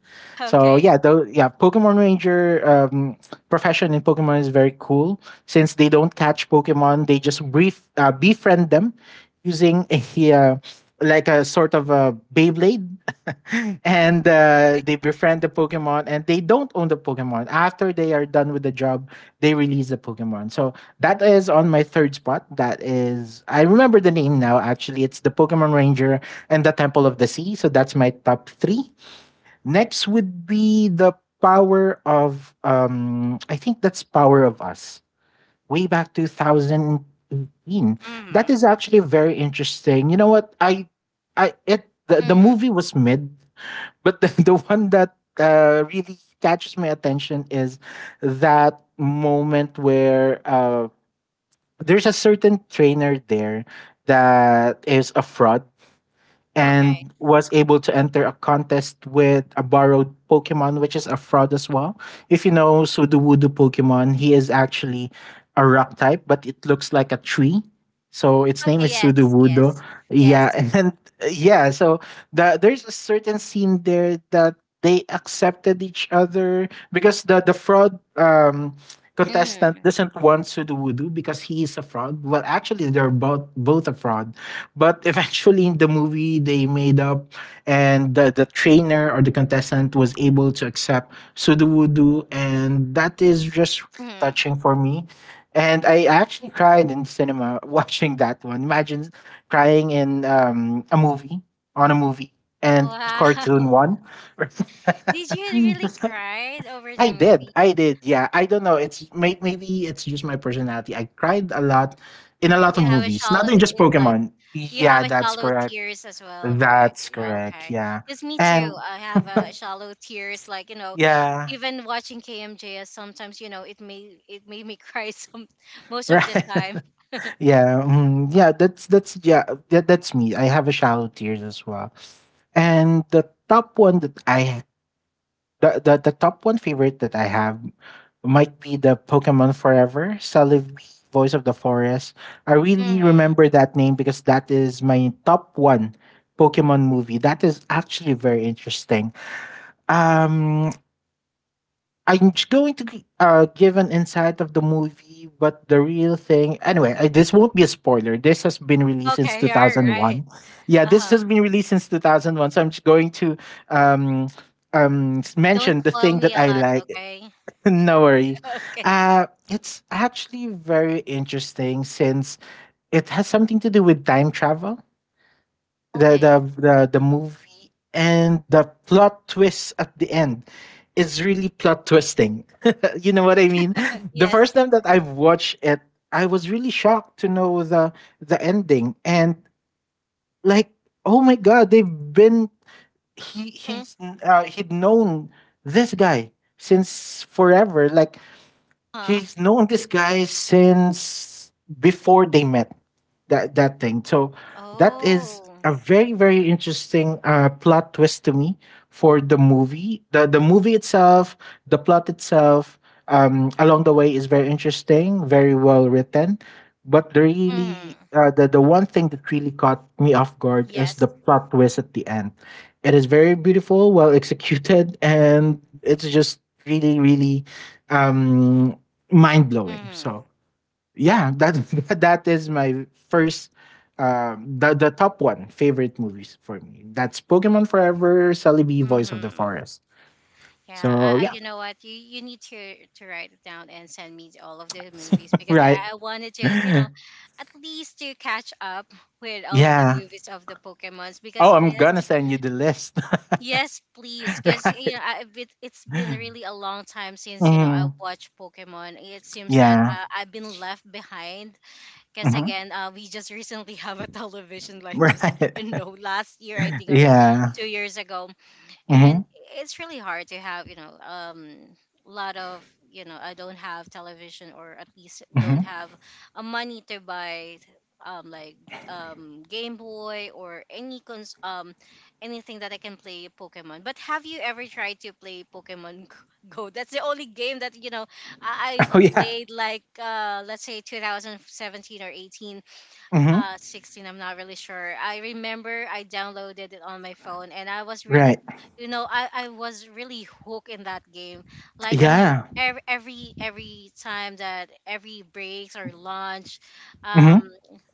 Speaker 2: So
Speaker 1: Okay.
Speaker 2: yeah, though yeah, Pokemon Ranger profession in Pokemon is very cool since they don't catch Pokemon, they just befriend them using a like a sort of a Beyblade, and
Speaker 1: Okay.
Speaker 2: they befriend the Pokemon and they don't own the Pokemon. After they are done with the job, they release the Pokemon. So that is on my third spot. That is, I remember the name now. Actually, it's the Pokemon Ranger and the Temple of the Sea. So that's my top three. Next would be the Power of, I think that's Power of Us. Way back 2018. That
Speaker 1: Mm-hmm.
Speaker 2: is actually very interesting. You know what? The
Speaker 1: Mm-hmm.
Speaker 2: movie was mid, but the one that really catches my attention is that moment where there's a certain trainer there that is a fraud
Speaker 1: Okay.
Speaker 2: and was able to enter a contest with a borrowed Pokemon, which is a fraud as well. If you know Sudowoodo Pokemon, he is actually a rock type, but it looks like a tree. So its name
Speaker 1: Okay.
Speaker 2: is
Speaker 1: Yes.
Speaker 2: Sudowoodo.
Speaker 1: Yes.
Speaker 2: Yeah,
Speaker 1: Yes.
Speaker 2: and yeah, so there's a certain scene there that they accepted each other because the fraud contestant
Speaker 1: Mm-hmm.
Speaker 2: doesn't want Sudowoodo because he is a fraud. Well, actually, they're both a fraud. But eventually, in the movie, they made up, and the trainer or the contestant was able to accept Sudo Voodoo, and that is just
Speaker 1: Mm-hmm.
Speaker 2: touching for me. And I actually cried in cinema watching that one. Imagine crying in a movie, on a movie, and
Speaker 1: Wow.
Speaker 2: cartoon one.
Speaker 1: Did you really cry over
Speaker 2: I
Speaker 1: the
Speaker 2: did.
Speaker 1: movie?
Speaker 2: I did. Yeah. I don't know. It's maybe it's just my personality. I cried a lot in a lot of
Speaker 1: You have a
Speaker 2: movies,
Speaker 1: shallow.
Speaker 2: not in just
Speaker 1: It's like
Speaker 2: Pokemon.
Speaker 1: you
Speaker 2: Yeah,
Speaker 1: have a
Speaker 2: that's
Speaker 1: shallow
Speaker 2: correct.
Speaker 1: tears as well, right?
Speaker 2: That's
Speaker 1: Yeah.
Speaker 2: correct.
Speaker 1: Okay.
Speaker 2: Yeah.
Speaker 1: Cause me too.
Speaker 2: And
Speaker 1: I have a shallow tears. Like, you know,
Speaker 2: yeah.
Speaker 1: even watching KMJS, sometimes you know it made me cry some most of the
Speaker 2: Right.
Speaker 1: time.
Speaker 2: Yeah. Yeah, that's yeah, that's me. I have a shallow tears as well. And the top one that I the top one favorite that I have might be the Pokemon Forever Celebi Voice of the Forest. I really
Speaker 1: Mm-hmm.
Speaker 2: remember that name because that is my top one Pokemon movie. That is actually very interesting. Um I'm just going to give an insight of the movie, but the real thing. Anyway, this won't be a spoiler. This has been released since
Speaker 1: Okay. All right.
Speaker 2: 2001. Yeah,
Speaker 1: Uh
Speaker 2: this
Speaker 1: huh.
Speaker 2: has been released since 2001. So I'm just going to um,
Speaker 1: Don't
Speaker 2: mention the
Speaker 1: spoil
Speaker 2: thing
Speaker 1: me
Speaker 2: that
Speaker 1: a
Speaker 2: I
Speaker 1: lot.
Speaker 2: like.
Speaker 1: Okay.
Speaker 2: No worries.
Speaker 1: Okay.
Speaker 2: It's actually very interesting since it has something to do with time travel,
Speaker 1: Okay.
Speaker 2: the movie, and the plot twist at the end is really plot twisting. You know what I mean? The
Speaker 1: Yes.
Speaker 2: first time that I've watched it, I was really shocked to know the ending and like, oh my god, they've been
Speaker 1: Mm.
Speaker 2: he's he'd known this guy since forever. Like
Speaker 1: Huh?
Speaker 2: he's known this guy since before they met that that thing. So that is
Speaker 1: Oh.
Speaker 2: a very very interesting plot twist to me for the movie the movie itself, the plot itself, along the way is very interesting, very well written, but the
Speaker 1: Hmm.
Speaker 2: really the one thing that really caught me off guard is
Speaker 1: Yes.
Speaker 2: the plot twist at the end. It is very beautiful, well executed, and it's just really really um mind blowing.
Speaker 1: Hmm.
Speaker 2: So yeah, that that is my first, the top one favorite movies for me. That's Pokemon Forever, Celebi, Voice of the
Speaker 1: Hmm.
Speaker 2: Forest.
Speaker 1: Yeah.
Speaker 2: So
Speaker 1: I.
Speaker 2: yeah,
Speaker 1: You know what? You need to write it down and send me all of the movies because,
Speaker 2: right.
Speaker 1: I wanted to. You know, at least to catch up with all of the
Speaker 2: Yeah.
Speaker 1: movies of the Pokemons. Because
Speaker 2: Oh, I'm
Speaker 1: yes.
Speaker 2: gonna send you the list.
Speaker 1: Yes, please, because you
Speaker 2: Right.
Speaker 1: know it's been really a long time since, you know, I
Speaker 2: Mhm.
Speaker 1: watched Pokemon. It seems that,
Speaker 2: Yeah.
Speaker 1: I've been left behind. Because
Speaker 2: Hmm.
Speaker 1: again, we just recently have a television, like just,
Speaker 2: Right.
Speaker 1: you know, last year I think, or
Speaker 2: Yeah.
Speaker 1: 2 years ago.
Speaker 2: Hmm.
Speaker 1: And it's really hard to have, you know, lot of, you know, I don't have television, or at least don't
Speaker 2: Hmm.
Speaker 1: have a money to buy like game boy or any anything that I can play Pokemon. But have you ever tried to play Pokemon Go? That's the only game that, you know, I
Speaker 2: Oh yeah.
Speaker 1: played like, let's say 2017, or 18,
Speaker 2: Hmm.
Speaker 1: 16, I'm not really sure. I remember I downloaded it on my phone, and I was really,
Speaker 2: Right.
Speaker 1: you know, I was really hooked in that game. Like I'm
Speaker 2: Yeah.
Speaker 1: every time that every breaks or lunch,
Speaker 2: Hmm.
Speaker 1: um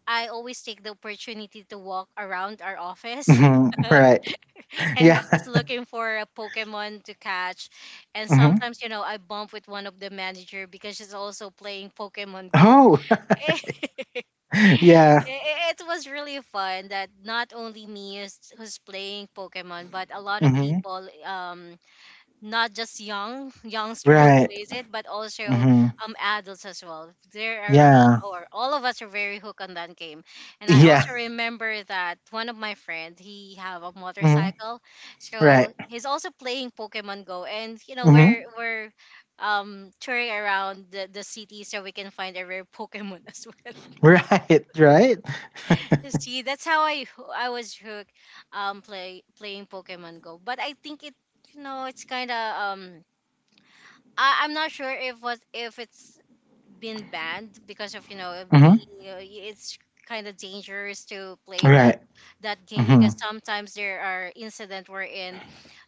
Speaker 1: I always take the opportunity to walk around our office
Speaker 2: Hmm. Right.
Speaker 1: and
Speaker 2: Yeah.
Speaker 1: just looking for a Pokemon to catch. And
Speaker 2: Hmm.
Speaker 1: sometimes, you know, I bump with one of the manager because she's also playing Pokemon Go.
Speaker 2: Oh. yeah.
Speaker 1: It was really fun that not only me is who's playing Pokemon, but a lot of
Speaker 2: Hmm.
Speaker 1: people, not just young youngster who
Speaker 2: Right.
Speaker 1: plays it, but also
Speaker 2: Hmm.
Speaker 1: adults as well. There are we,
Speaker 2: Yeah.
Speaker 1: or all of us are very hooked on that game, and I
Speaker 2: Yeah.
Speaker 1: also remember that one of my friend he have a
Speaker 2: Hmm.
Speaker 1: motorcycle,
Speaker 2: Right.
Speaker 1: so he's also playing Pokemon Go, and you know we're
Speaker 2: Hmm.
Speaker 1: we're touring around the city so we can find a rare Pokemon as well
Speaker 2: Right. Right.
Speaker 1: to see. That's how I was hooked playing Pokemon Go. But I think it, you know, it's kind of I'm not sure if it's been banned because of, you know,
Speaker 2: Hmm.
Speaker 1: it's kind of dangerous to play
Speaker 2: Right.
Speaker 1: that game,
Speaker 2: Hmm.
Speaker 1: because sometimes there are incident wherein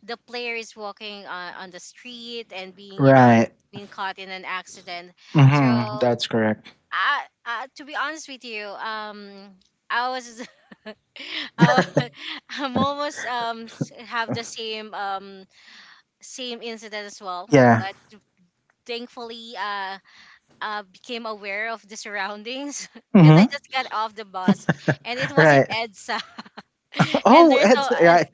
Speaker 1: the player is walking on the street, and being, you know,
Speaker 2: Right.
Speaker 1: being caught in an accident. So
Speaker 2: Hmm. That's correct.
Speaker 1: I, to be honest with you, I was, I, wa- I'm almost have the same same incident as well,
Speaker 2: Yeah.
Speaker 1: but thankfully became aware of the surroundings because I
Speaker 2: Hmm.
Speaker 1: just got off the bus, and it was in
Speaker 2: Right.
Speaker 1: EDSA. and
Speaker 2: Oh,
Speaker 1: there's
Speaker 2: it's
Speaker 1: a
Speaker 2: right.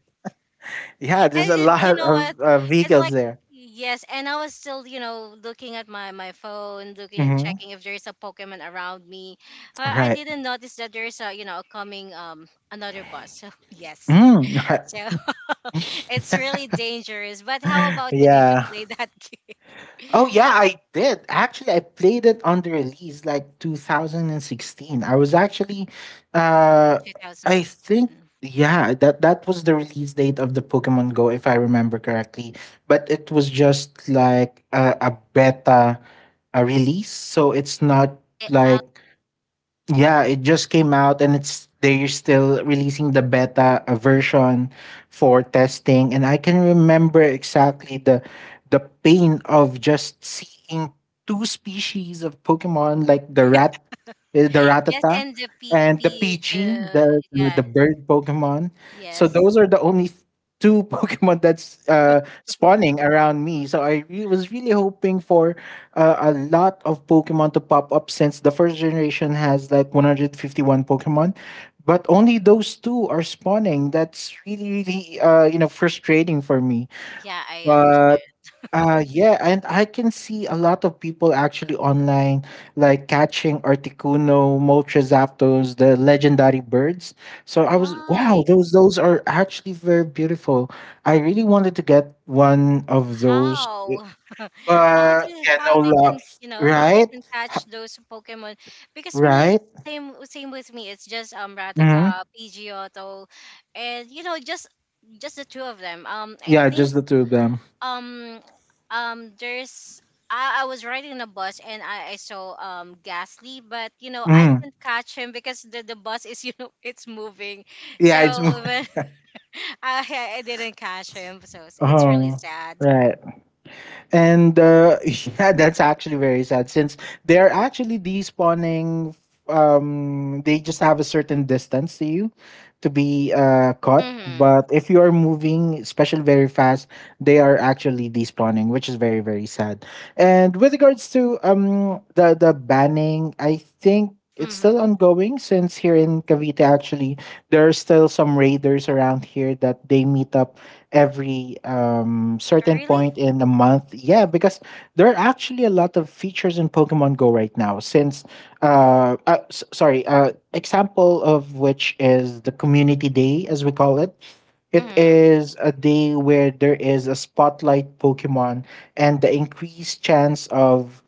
Speaker 2: Yeah. There's a
Speaker 1: and it,
Speaker 2: lot
Speaker 1: you know what
Speaker 2: of
Speaker 1: it's
Speaker 2: vehicles
Speaker 1: like
Speaker 2: there.
Speaker 1: yes, and I was still looking at my phone, looking
Speaker 2: Hmm.
Speaker 1: checking if there's a Pokemon around me. I
Speaker 2: Right.
Speaker 1: didn't notice that there's a you know coming another bus, so yes.
Speaker 2: Mm, right.
Speaker 1: So it's really dangerous, but how about you, did you
Speaker 2: Yeah.
Speaker 1: play that game?
Speaker 2: Oh yeah, I did. Actually, I played it on the release like 2016. I was actually uh I think
Speaker 1: 2016.
Speaker 2: yeah, that that was the release date of the Pokemon Go if I remember correctly, but it was just like a beta a release, so it's not
Speaker 1: Eh, um,
Speaker 2: like yeah, it just came out and it's they're still releasing the beta version for testing and I can remember exactly the pain of just seeing two species of Pokemon like the rat eh, the
Speaker 1: yes,
Speaker 2: ratata
Speaker 1: and the
Speaker 2: and the
Speaker 1: page,
Speaker 2: PG
Speaker 1: yeah.
Speaker 2: the bird Pokemon. So
Speaker 1: Yes.
Speaker 2: those are the only two Pokemon that's spawning around me. So I was really hoping for a lot of Pokemon to pop up since the first generation has like 151 Pokemon, but only those two are spawning. That's really, really, you know, frustrating for me.
Speaker 1: Yeah, I understand.
Speaker 2: But yeah, and I can see a lot of people actually online, like catching Articuno, Moltres, the legendary birds. So I was, wow,
Speaker 1: Why?
Speaker 2: those are actually very beautiful. I really wanted to get one of those,
Speaker 1: How? how
Speaker 2: but
Speaker 1: do
Speaker 2: yeah,
Speaker 1: how
Speaker 2: no
Speaker 1: they
Speaker 2: love,
Speaker 1: can, you know, how they
Speaker 2: right?
Speaker 1: can
Speaker 2: Ha-
Speaker 1: catch those Pokemon? Because me is
Speaker 2: Right?
Speaker 1: same with me. It's just
Speaker 2: Hmm.
Speaker 1: Ratata, Pidgeotto, and you know, just the two of them, I
Speaker 2: Yeah,
Speaker 1: think.
Speaker 2: just the two of them.
Speaker 1: um there's, I was riding the bus and I saw Ghastly, but you know I
Speaker 2: Hmm.
Speaker 1: can't catch him because the bus is you know it's moving,
Speaker 2: Yeah, it's more.
Speaker 1: so I didn't catch him, so it's really
Speaker 2: Oh,
Speaker 1: sad.
Speaker 2: right. And yeah, that's actually very sad since they're actually despawning. They just have a certain distance to you to be caught.
Speaker 1: Mm-hmm.
Speaker 2: But if you are moving, especially very fast, they are actually despawning, which is very very sad. And with regards to the banning, I think. It's still
Speaker 1: Mm-hmm.
Speaker 2: ongoing since here in Cavite, actually, there are still some raiders around here that they meet up every certain
Speaker 1: Really?
Speaker 2: point in a month. Yeah, because there are actually a lot of features in Pokemon Go right now. Since, sorry, example of which is the Community Day, as we call it. It
Speaker 1: Mm-hmm.
Speaker 2: is a day where there is a spotlight Pokemon, and the increased chance of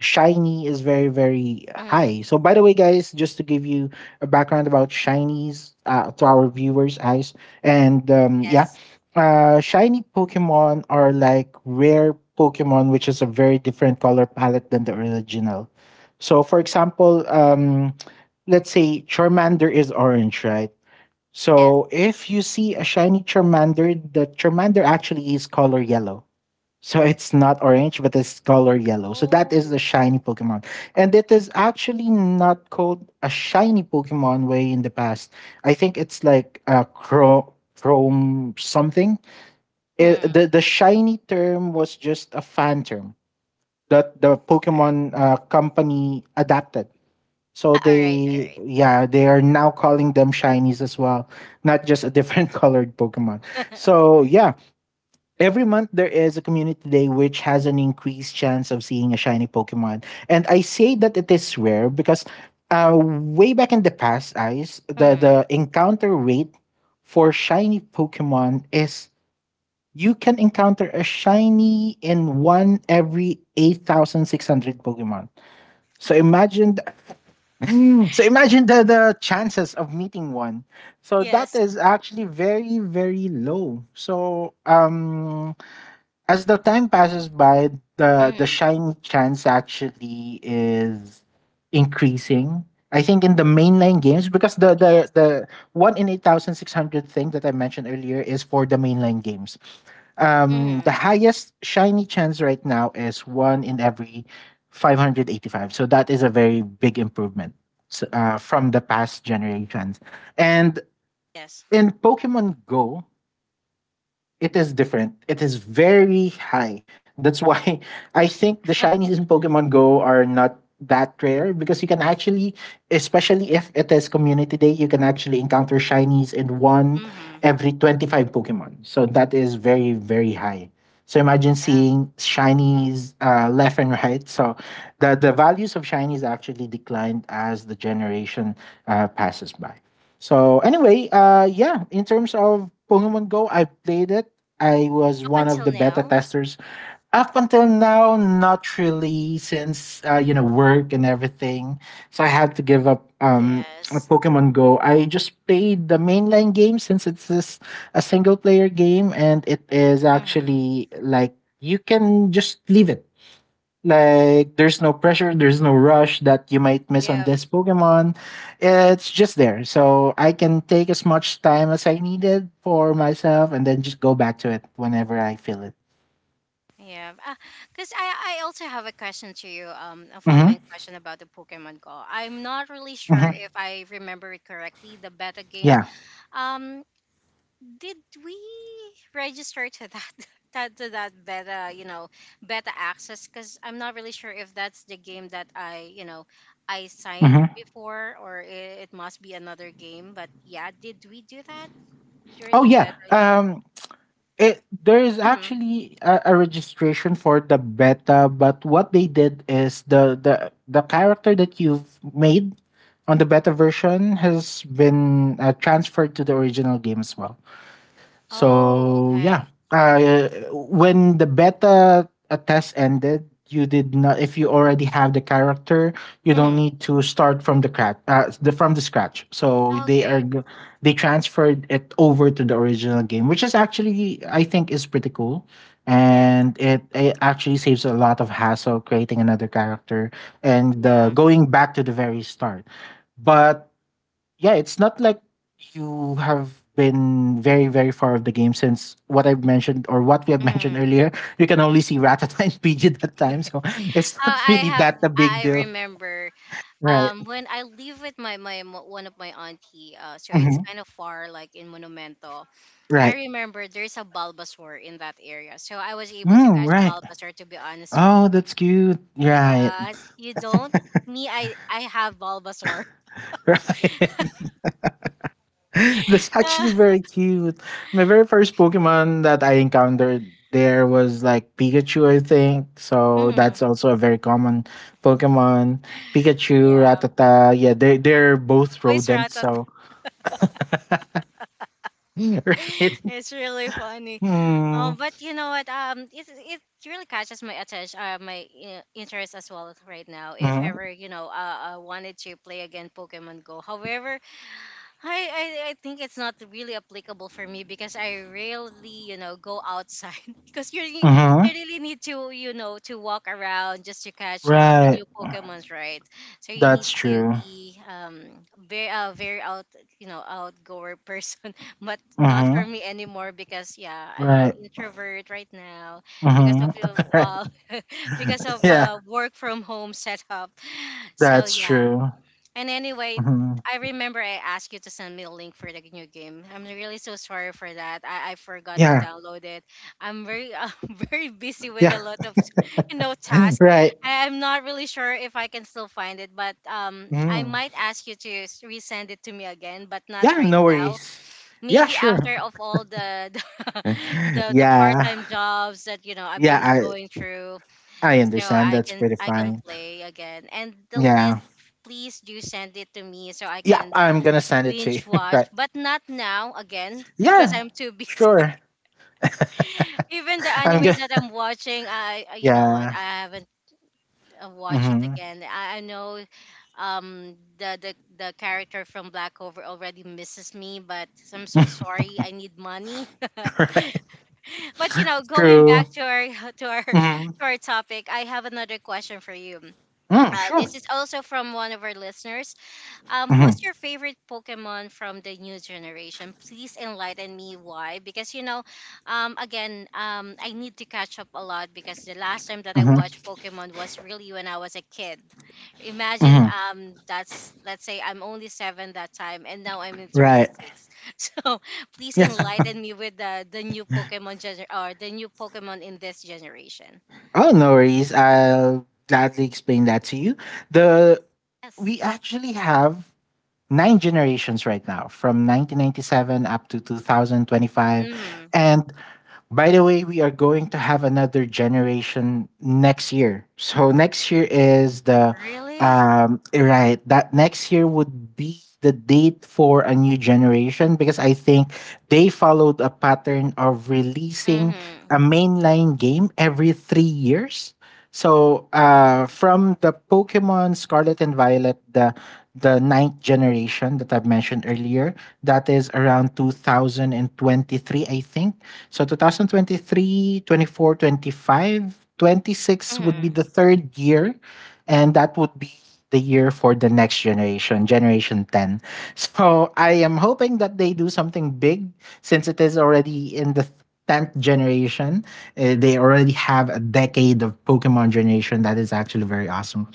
Speaker 2: shiny is very very high.
Speaker 1: Mm-hmm.
Speaker 2: So by the way guys, just to give you a background about shinies to our viewers eyes and yeah,
Speaker 1: Yes.
Speaker 2: shiny Pokemon are like rare Pokemon, which is a very different color palette than the original. So, for example, let's say Charmander is orange, right?
Speaker 1: Yes.
Speaker 2: So, if you see a shiny Charmander, the Charmander actually is color yellow. So, it's not orange, but it's color yellow. So, that is the
Speaker 1: Oh.
Speaker 2: shiny Pokemon. And it is actually not called a shiny Pokemon way in the past. I think it's like a chrome, chrome something. It,
Speaker 1: Hmm.
Speaker 2: the shiny term was just a fan term that the
Speaker 1: Okay.
Speaker 2: Pokemon company adapted. So
Speaker 1: All right. All
Speaker 2: they
Speaker 1: right.
Speaker 2: yeah, they are now calling them shinies as well, not just a different colored Pokemon. So yeah, every month there is a community day which has an increased chance of seeing a shiny Pokemon. And I say that it is rare because way back in the past, eyes
Speaker 1: Mm-hmm.
Speaker 2: the encounter rate for shiny Pokemon is you can encounter a shiny in one every 8,600 Pokemon. So imagine th- so imagine the chances of meeting one. So that
Speaker 1: Yes.
Speaker 2: is actually very very low. So as the time passes by, the
Speaker 1: Mm-hmm.
Speaker 2: shiny chance actually is increasing. I think in the mainline games because
Speaker 1: Yes.
Speaker 2: the one in 8,600 thing that I mentioned earlier is for the mainline games.
Speaker 1: Mm-hmm.
Speaker 2: The highest shiny chance right now is one in every 585. So that is a very big improvement from the past generations. And
Speaker 1: Yes.
Speaker 2: in Pokemon Go, it is different. It is very high. That's why I think the shinies in Pokemon Go are not that rare because you can actually, especially if it is community day, you can actually encounter shinies in one
Speaker 1: Mm-hmm.
Speaker 2: every 25 Pokemon. So that is very, very high. So imagine
Speaker 1: Yeah.
Speaker 2: seeing shinies left and right. So the values of shinies actually declined as the generation passes by. So anyway, yeah, in terms of Pokemon Go, I played it. I was
Speaker 1: Up
Speaker 2: one of
Speaker 1: until
Speaker 2: the beta
Speaker 1: now.
Speaker 2: testers. Up until now, not really, since you know work and everything. So I had to give up
Speaker 1: Yes.
Speaker 2: Pokemon Go. I just played the mainline game since it's this a single player game and it is
Speaker 1: Mm-hmm.
Speaker 2: actually like you can just leave it like there's no pressure, there's no rush that you might miss on
Speaker 1: Yeah,
Speaker 2: this Pokemon. It's just there. So I can take as much time as I needed for myself and then just go back to it whenever I feel it.
Speaker 1: yeah. Because I also have a question to you, a
Speaker 2: Mm-hmm.
Speaker 1: following question about the Pokemon Go. I'm not really sure
Speaker 2: Mm-hmm.
Speaker 1: if I remember it correctly, the beta game.
Speaker 2: Yeah.
Speaker 1: Um, did we register to that that to that beta, you know, beta access? Because I'm not really sure if that's the game that I, you know, I signed
Speaker 2: Mm-hmm.
Speaker 1: before, or it must be another game. But yeah, did we do that during
Speaker 2: Oh
Speaker 1: the
Speaker 2: yeah.
Speaker 1: beta? Yeah.
Speaker 2: It, there is
Speaker 1: Hmm.
Speaker 2: actually a registration for the beta, but what they did is the character that you've made on the beta version has been transferred to the original game as well.
Speaker 1: Oh,
Speaker 2: So yeah,
Speaker 1: okay.
Speaker 2: when the beta test ended, you did not. If you already have the character, you don't
Speaker 1: Hmm.
Speaker 2: need to start from the from the scratch. So they are
Speaker 1: Okay.
Speaker 2: they transferred it over to the original game, which is actually I think is pretty cool,
Speaker 1: Yes.
Speaker 2: and it actually saves a lot of hassle creating another character and
Speaker 1: Yeah.
Speaker 2: going back to the very start. But yeah, it's not like you have been very, very far of the game since what I've mentioned or what we have mentioned
Speaker 1: Mm.
Speaker 2: earlier. You can only see Ratata and Pidgeot that time, so it's not
Speaker 1: I
Speaker 2: really
Speaker 1: have,
Speaker 2: that a big
Speaker 1: I
Speaker 2: deal,
Speaker 1: remember
Speaker 2: right?
Speaker 1: when I live with one of my auntie, uh, so it's
Speaker 2: Hmm.
Speaker 1: kind of far, like in Monumento. I
Speaker 2: Right.
Speaker 1: remember there's a Bulbasaur in that area, so I was able to
Speaker 2: Mm,
Speaker 1: catch
Speaker 2: right.
Speaker 1: Bulbasaur. To be honest with
Speaker 2: Oh,
Speaker 1: you,
Speaker 2: that's cute. Right.
Speaker 1: yes, you don't. Me, I have Bulbasaur.
Speaker 2: Right. That's actually very cute. My very first Pokemon that I encountered there was like Pikachu, I think. So
Speaker 1: Mhm.
Speaker 2: that's also a very common Pokemon. Pikachu,
Speaker 1: Yeah,
Speaker 2: Ratata. Yeah, they're both
Speaker 1: voice
Speaker 2: rodents,
Speaker 1: Rattata.
Speaker 2: so right.
Speaker 1: It's really funny.
Speaker 2: Hmm.
Speaker 1: But you know what? It it really catches my attention, my interest as well right now. If
Speaker 2: Mm-hmm.
Speaker 1: ever, you know, I wanted to play again Pokemon Go. However, I, I think it's not really applicable for me because I rarely, you know, go outside because you
Speaker 2: Mm-hmm.
Speaker 1: really need to, you know, to walk around just to catch a
Speaker 2: Right.
Speaker 1: new Pokemon's, right? So you need
Speaker 2: That's
Speaker 1: to
Speaker 2: true.
Speaker 1: be very very out, you know, outgoer person, but not
Speaker 2: Mm-hmm.
Speaker 1: for me anymore because yeah, I'm an
Speaker 2: Right.
Speaker 1: introvert right now because
Speaker 2: Mm-hmm.
Speaker 1: of you,
Speaker 2: Right.
Speaker 1: because of
Speaker 2: Yeah,
Speaker 1: work from home setup. So
Speaker 2: that's
Speaker 1: yeah.
Speaker 2: true.
Speaker 1: And anyway,
Speaker 2: Mm-hmm.
Speaker 1: I remember I asked you to send me a link for the new game. I'm really so sorry for that. I forgot to
Speaker 2: Yeah.
Speaker 1: download it. I'm very I'm very busy with a
Speaker 2: Yeah.
Speaker 1: lot of, you know, tasks.
Speaker 2: Right.
Speaker 1: I'm not really sure if I can still find it, but I
Speaker 2: Mm.
Speaker 1: might ask you to resend it to me again, but not
Speaker 2: Yeah,
Speaker 1: right
Speaker 2: no
Speaker 1: now.
Speaker 2: worries. Yeah,
Speaker 1: Maybe
Speaker 2: sure.
Speaker 1: after of all the the the, the
Speaker 2: Yeah.
Speaker 1: part-time jobs that you know I've
Speaker 2: Yeah,
Speaker 1: been
Speaker 2: I
Speaker 1: going through,
Speaker 2: I
Speaker 1: so
Speaker 2: understand. That's pretty
Speaker 1: I can
Speaker 2: fine.
Speaker 1: play again. And the
Speaker 2: Yeah.
Speaker 1: list, please do send it to me so I
Speaker 2: Yeah,
Speaker 1: can
Speaker 2: I'm gonna send it to you.
Speaker 1: binge watch,
Speaker 2: Right.
Speaker 1: but not now again because
Speaker 2: Yeah,
Speaker 1: I'm too busy again.
Speaker 2: sure.
Speaker 1: Even the
Speaker 2: I'm
Speaker 1: animes
Speaker 2: gonna
Speaker 1: that I'm watching, you know what,
Speaker 2: Yeah.
Speaker 1: I haven't watched it
Speaker 2: Mm-hmm.
Speaker 1: again. I know the the character from Black Clover already misses me, but I'm so sorry, I need money.
Speaker 2: Right.
Speaker 1: But you know, going
Speaker 2: True.
Speaker 1: back to our to our
Speaker 2: Mm-hmm.
Speaker 1: to our topic, I have another question for you.
Speaker 2: Mm, sure.
Speaker 1: This is also from one of our listeners. Who's
Speaker 2: Mm-hmm.
Speaker 1: your favorite Pokemon from the new generation? Please enlighten me why. Because you know, again, I need to catch up a lot because the last time that I
Speaker 2: Mm-hmm.
Speaker 1: watched Pokemon was really when I was a kid. Imagine,
Speaker 2: Mm-hmm.
Speaker 1: that's let's say I'm only seven that time, and now I'm in thirty
Speaker 2: Right.
Speaker 1: six. So please
Speaker 2: Yeah.
Speaker 1: enlighten me with the new Pokemon or the new Pokemon in this generation.
Speaker 2: Oh, no worries. I'll gladly explain that to you. The
Speaker 1: Yes.
Speaker 2: we actually have nine generations right now from 1997 up to 2025.
Speaker 1: Mm.
Speaker 2: And by the way, we are going to have another generation next year, so next year is the
Speaker 1: Really?
Speaker 2: right, that next year would be the date for a new generation, because I think they followed a pattern of releasing
Speaker 1: Mm-hmm.
Speaker 2: a mainline game every 3 years. So
Speaker 1: Right.
Speaker 2: from the Pokemon Scarlet and Violet, the ninth generation that I've mentioned earlier. That is around 2023, I think. So 2023, 24, 25, 26
Speaker 1: Mm,
Speaker 2: would be the third year. And that would be the year for the next generation, Generation 10. So I am hoping that they do something big since it is already in the 10th generation. They already have a decade of Pokemon generation. That is actually very awesome.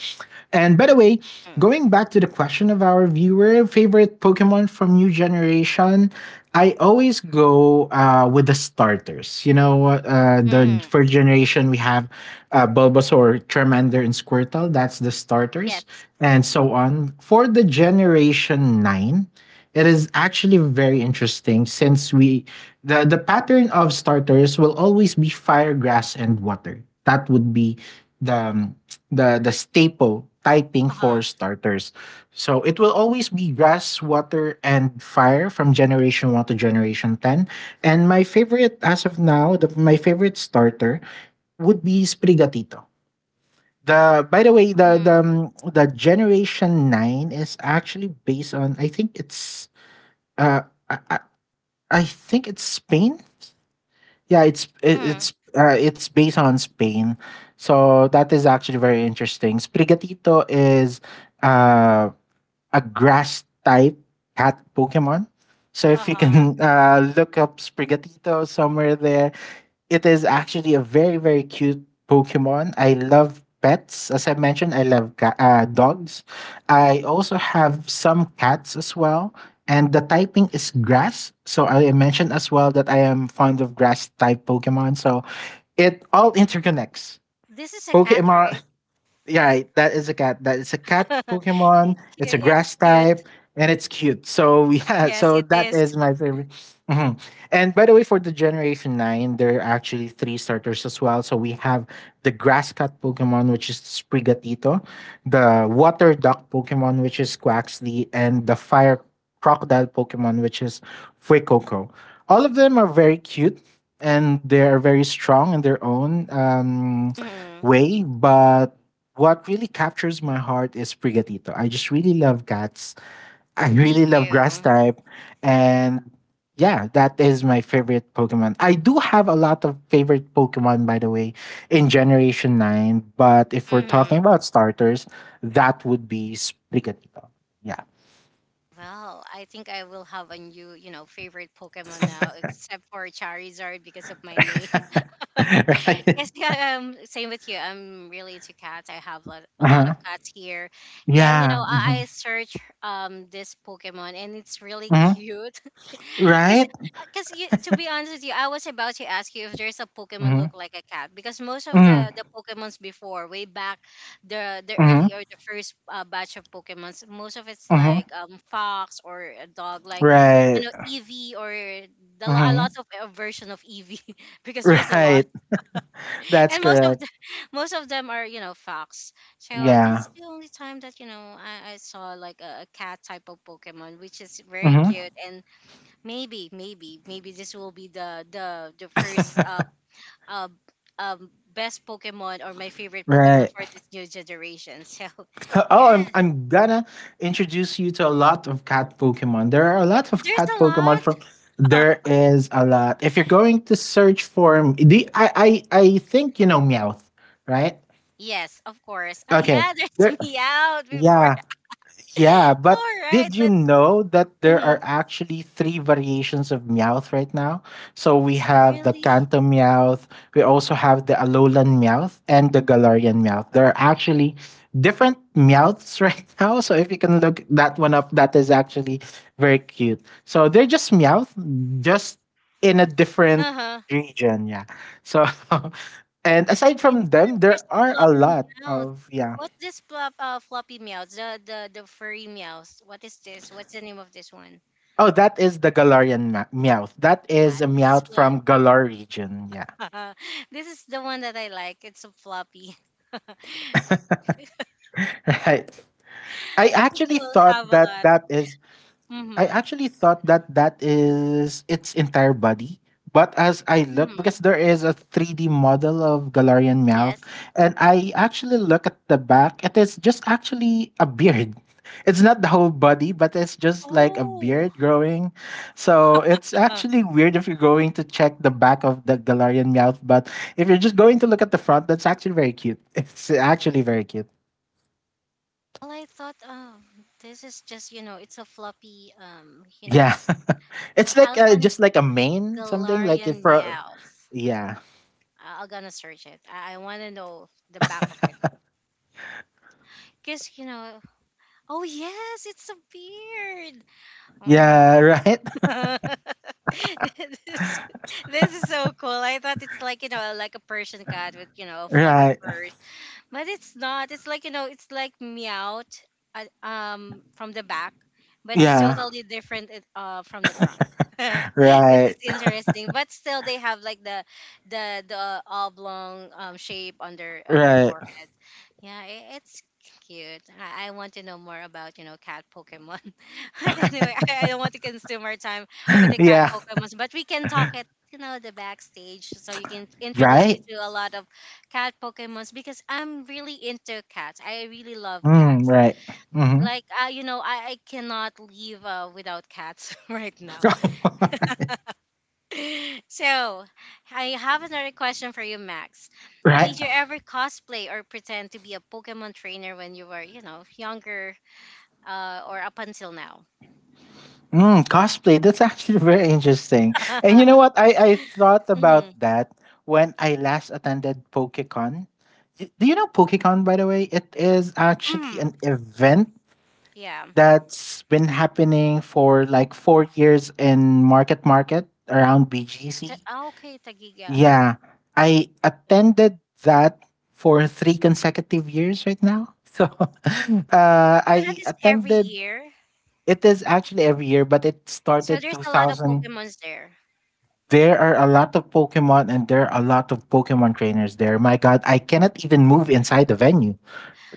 Speaker 2: And by the way,
Speaker 1: mm,
Speaker 2: going back to the question of our viewer, favorite Pokemon from new generation, I always go with the starters. You know, the
Speaker 1: mm,
Speaker 2: first generation we have Bulbasaur, Charmander, and Squirtle. That's the starters,
Speaker 1: yes.
Speaker 2: and so on. For the generation nine, it is actually very interesting since we the pattern of starters will always be fire, grass, and water. That would be the um, the staple typing for
Speaker 1: Uh-huh.
Speaker 2: starters. So it will always be grass, water, and fire from generation one to generation ten. And my favorite as of now, my favorite starter would be Sprigatito. The by the way,
Speaker 1: Mm,
Speaker 2: the generation nine is actually based on, uh I, I I think it's Spain. Yeah, it's it,
Speaker 1: mm,
Speaker 2: it's based on Spain. So that is actually very interesting. Sprigatito is uh, a grass type cat Pokemon. So if you
Speaker 1: uh-huh.
Speaker 2: can look up Sprigatito somewhere there, it is actually a very very cute Pokemon. I love pets, as I mentioned. I love dogs. I also have some cats as well, and the typing is grass. So I mentioned as well that I am fond of grass type Pokemon. So it all interconnects.
Speaker 1: This is a cat, right?
Speaker 2: Pokemon. Yeah, right. That is a cat. That is a cat Pokemon.
Speaker 1: It's
Speaker 2: It's a
Speaker 1: cute. It's
Speaker 2: grass
Speaker 1: cute.
Speaker 2: type, and it's cute. So yeah,
Speaker 1: Yes,
Speaker 2: so
Speaker 1: it
Speaker 2: that
Speaker 1: is.
Speaker 2: is my favorite. Mhm. And by the way, for the Generation 9, there are actually three starters as well. So we have the grass cat Pokemon, which is Sprigatito, the water duck Pokemon, which is Quaxly, and the fire crocodile Pokemon, which is Fuecoco. All of them are very cute and they are very strong in their own
Speaker 1: Mm,
Speaker 2: way, but what really captures my heart is Prigatito. I just really love cats. I
Speaker 1: me
Speaker 2: really love grass
Speaker 1: too.
Speaker 2: type. And yeah, that is my favorite Pokemon. I do have a lot of favorite Pokemon, by the way, in Generation 9. But if we're
Speaker 1: Mm-hmm.
Speaker 2: talking about starters, that would be Sprigatito. Yeah.
Speaker 1: Well, I think I will have a new, you know, favorite Pokemon now, except for Charizard because of my name.
Speaker 2: Right?
Speaker 1: Yes, yeah, same with you. I'm really into cats. I have lot, a lot of
Speaker 2: Uh-huh.
Speaker 1: cats here, and you know,
Speaker 2: Yeah.
Speaker 1: I,
Speaker 2: Hmm.
Speaker 1: I search this Pokemon, and it's really
Speaker 2: Hmm.
Speaker 1: cute. Cause,
Speaker 2: Right?
Speaker 1: cause you, to be honest with you, I was about to ask you if there's a Pokemon
Speaker 2: Hmm.
Speaker 1: look like a cat, because most of
Speaker 2: Hmm.
Speaker 1: the Pokemons before, way back, the
Speaker 2: Hmm.
Speaker 1: early or the first batch of Pokemons, most of it's like
Speaker 2: Hmm.
Speaker 1: fox or a dog, like you
Speaker 2: Right.
Speaker 1: know Eevee, or the a
Speaker 2: Hmm.
Speaker 1: lot of a version of Eevee, because there's a lot.
Speaker 2: Right. That's
Speaker 1: And most of
Speaker 2: correct.
Speaker 1: the most of them are, you know, fox. So this
Speaker 2: Yeah.
Speaker 1: is the only time that, you know, I saw like a cat type of Pokemon, which is very
Speaker 2: Hmm.
Speaker 1: cute. And maybe maybe this will be the the first uh best pokemon or my favorite Pokemon
Speaker 2: Right.
Speaker 1: for this new generation, so
Speaker 2: Oh,
Speaker 1: yeah,
Speaker 2: I'm gonna introduce you to a lot of cat Pokemon. There are a lot of
Speaker 1: there's
Speaker 2: cat
Speaker 1: a
Speaker 2: Pokemon from
Speaker 1: lot.
Speaker 2: there is a lot. If you're going to search for the I think you know Meowth, right?
Speaker 1: Yes, of course. Ah,
Speaker 2: Okay.
Speaker 1: yeah,
Speaker 2: There.
Speaker 1: there's me out before.
Speaker 2: Yeah. Yeah, but
Speaker 1: All right,
Speaker 2: did you
Speaker 1: let's.
Speaker 2: know that there
Speaker 1: Mhm.
Speaker 2: are actually three variations of Meowth right now? So we
Speaker 1: So
Speaker 2: have the
Speaker 1: really.
Speaker 2: Kanto Meowth, we also have the Alolan Meowth, and the Galarian Meowth. There are actually different Meowths right now. So if you can look that one up, that is actually very cute. So they're just Meowth, just in a different
Speaker 1: Uh-huh.
Speaker 2: region. Yeah. So, and aside from them,
Speaker 1: There's
Speaker 2: there
Speaker 1: a
Speaker 2: are a
Speaker 1: floppy
Speaker 2: lot
Speaker 1: meows.
Speaker 2: of, yeah.
Speaker 1: What's this flop, floppy meows? The furry meows. What is this? What's the name of this one?
Speaker 2: Oh, that is the Galarian Meowth. That
Speaker 1: Ah,
Speaker 2: is a
Speaker 1: this is
Speaker 2: Meowth
Speaker 1: what.
Speaker 2: from Galar region. Yeah,
Speaker 1: This is the one that I like. It's a floppy. I
Speaker 2: right. I
Speaker 1: think we
Speaker 2: actually
Speaker 1: will have
Speaker 2: thought
Speaker 1: a
Speaker 2: that
Speaker 1: lot.
Speaker 2: that is I
Speaker 1: Mm-hmm.
Speaker 2: actually thought that that is its entire body. But as I look,
Speaker 1: Mm-hmm.
Speaker 2: because there is a 3D model of Galarian mouth,
Speaker 1: Yes.
Speaker 2: and I actually look at the back, it is just actually a beard. It's not the whole body, but it's just like a
Speaker 1: Oh.
Speaker 2: beard growing. So it's
Speaker 1: Well,
Speaker 2: actually weird if you're going to check the back of the Galarian mouth. But if you're just going to look at the front, that's actually very cute. It's actually very cute.
Speaker 1: I thought, oh, this is just, you know, it's a floppy. You know
Speaker 2: Yeah.
Speaker 1: what?
Speaker 2: it's like
Speaker 1: Alban
Speaker 2: just like a main something like if
Speaker 1: Galarian
Speaker 2: for
Speaker 1: meows.
Speaker 2: yeah.
Speaker 1: I'm gonna search it. I want to know the back of it, cause you know. Oh yes, it's a beard. Oh.
Speaker 2: Yeah, right.
Speaker 1: this, this is so cool. I thought it's like, you know, like a Persian cat with, you know, fluffy
Speaker 2: Right.
Speaker 1: furs. But it's not. It's like, you know, it's like meowed from the back, but it's
Speaker 2: Yeah.
Speaker 1: totally different from the front. This is
Speaker 2: Right.
Speaker 1: interesting. But still they have like the oblong shape on their
Speaker 2: Right.
Speaker 1: forehead. Yeah, it's cute. I want to know more about, you know, cat Pokemon. But anyway, I don't want to consume our time with the cat
Speaker 2: Yeah.
Speaker 1: Pokemons, but we can talk it, you know, the backstage. So you can introduce me
Speaker 2: Right.
Speaker 1: to a lot of cat Pokemons because I'm really into cats. I really love
Speaker 2: Mm,
Speaker 1: cats.
Speaker 2: right. Mhm.
Speaker 1: Like, you know, I cannot leave without cats right now. So I have another question for you, Max.
Speaker 2: right.
Speaker 1: Did you ever cosplay or pretend to be a Pokemon trainer when you were, you know, younger, or up until now?
Speaker 2: Mm, cosplay. That's actually very interesting. And you know what? I thought
Speaker 1: Hmm.
Speaker 2: about that when I last attended PokeCon. Do you know PokeCon, by the way? It is actually
Speaker 1: Hmm.
Speaker 2: an event
Speaker 1: Yeah.
Speaker 2: that's been happening for like 4 years in Market Market around
Speaker 1: Ta-
Speaker 2: BGC.
Speaker 1: ah, okay, Tagiga.
Speaker 2: Yeah, I attended that for 3 consecutive years right now. So
Speaker 1: So that
Speaker 2: I
Speaker 1: is every
Speaker 2: attended.
Speaker 1: year.
Speaker 2: It is actually every year, but it
Speaker 1: So
Speaker 2: started
Speaker 1: there's a lot of
Speaker 2: 2000.
Speaker 1: Pokemons there.
Speaker 2: There are a lot of Pokemon and there are a lot of Pokemon trainers there. My God, I cannot even move inside the venue.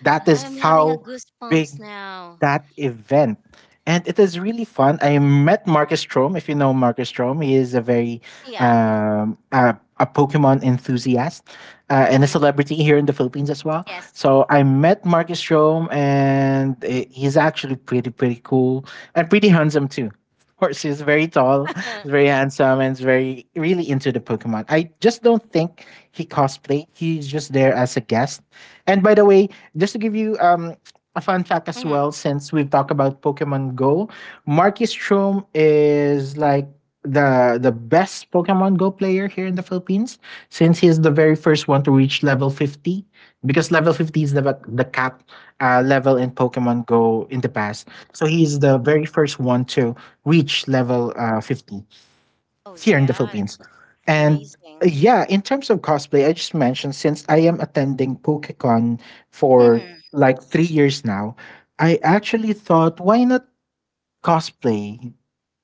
Speaker 2: That is
Speaker 1: I'm having a
Speaker 2: how big
Speaker 1: goosebumps now.
Speaker 2: that event. And it is really fun. I met Marcus Strom. If you know Marcus Strom, he is a very
Speaker 1: Yeah.
Speaker 2: a Pokemon enthusiast and a
Speaker 1: Mm,
Speaker 2: celebrity here in the Philippines as well.
Speaker 1: yes.
Speaker 2: So I met Marcus Strom, and he's actually pretty pretty cool and pretty handsome too. Of course, he's very tall, very handsome, and he's very really into the Pokemon. I just don't think he cosplayed. He's just there as a guest. And by the way, just to give you a fun fact as
Speaker 1: Mm.
Speaker 2: well, since we've talked about Pokemon Go, Marcus Strom is like the best Pokemon Go player here in the Philippines, since he's the very first one to reach level 50. Because level 50 is the cap level in Pokemon Go in the past, so he's the very first one to reach level 50
Speaker 1: Oh
Speaker 2: here in the
Speaker 1: yeah,
Speaker 2: Philippines. And
Speaker 1: amazing.
Speaker 2: yeah, in terms of cosplay, I just mentioned since I am attending PokeCon for
Speaker 1: Hmm.
Speaker 2: like 3 years now, I actually thought, why not cosplay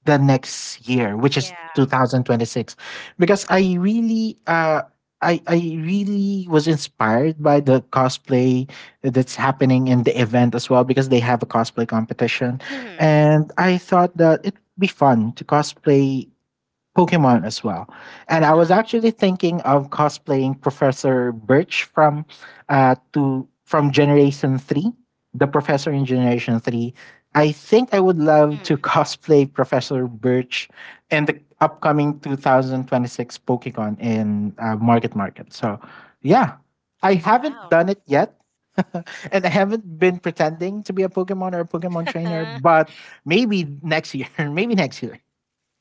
Speaker 2: the next year, which is
Speaker 1: Yeah.
Speaker 2: 2026, because I really was inspired by the cosplay that's happening in the event as well, because they have a cosplay competition,
Speaker 1: Hmm.
Speaker 2: and I thought that it would be fun to cosplay Pokemon as well. And I was
Speaker 1: Uh-huh.
Speaker 2: actually thinking of cosplaying Professor Birch from Generation 3, the professor in Generation 3. I think I would love to
Speaker 1: Mm-hmm.
Speaker 2: cosplay Professor Birch in the upcoming 2026 Pokemon in Market Market. So, yeah, I haven't
Speaker 1: Wow.
Speaker 2: done it yet. And I haven't been pretending to be a Pokemon or a Pokemon trainer,
Speaker 1: Yeah,
Speaker 2: but maybe next year, maybe next year.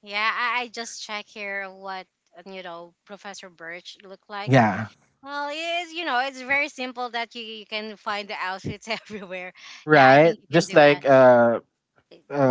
Speaker 1: I just check here what you know Professor Birch looked like.
Speaker 2: Yeah.
Speaker 1: Well, it's you know it's very simple that you can find the outfits everywhere. Yeah, I
Speaker 2: Right?
Speaker 1: think you can
Speaker 2: Just
Speaker 1: do it.
Speaker 2: like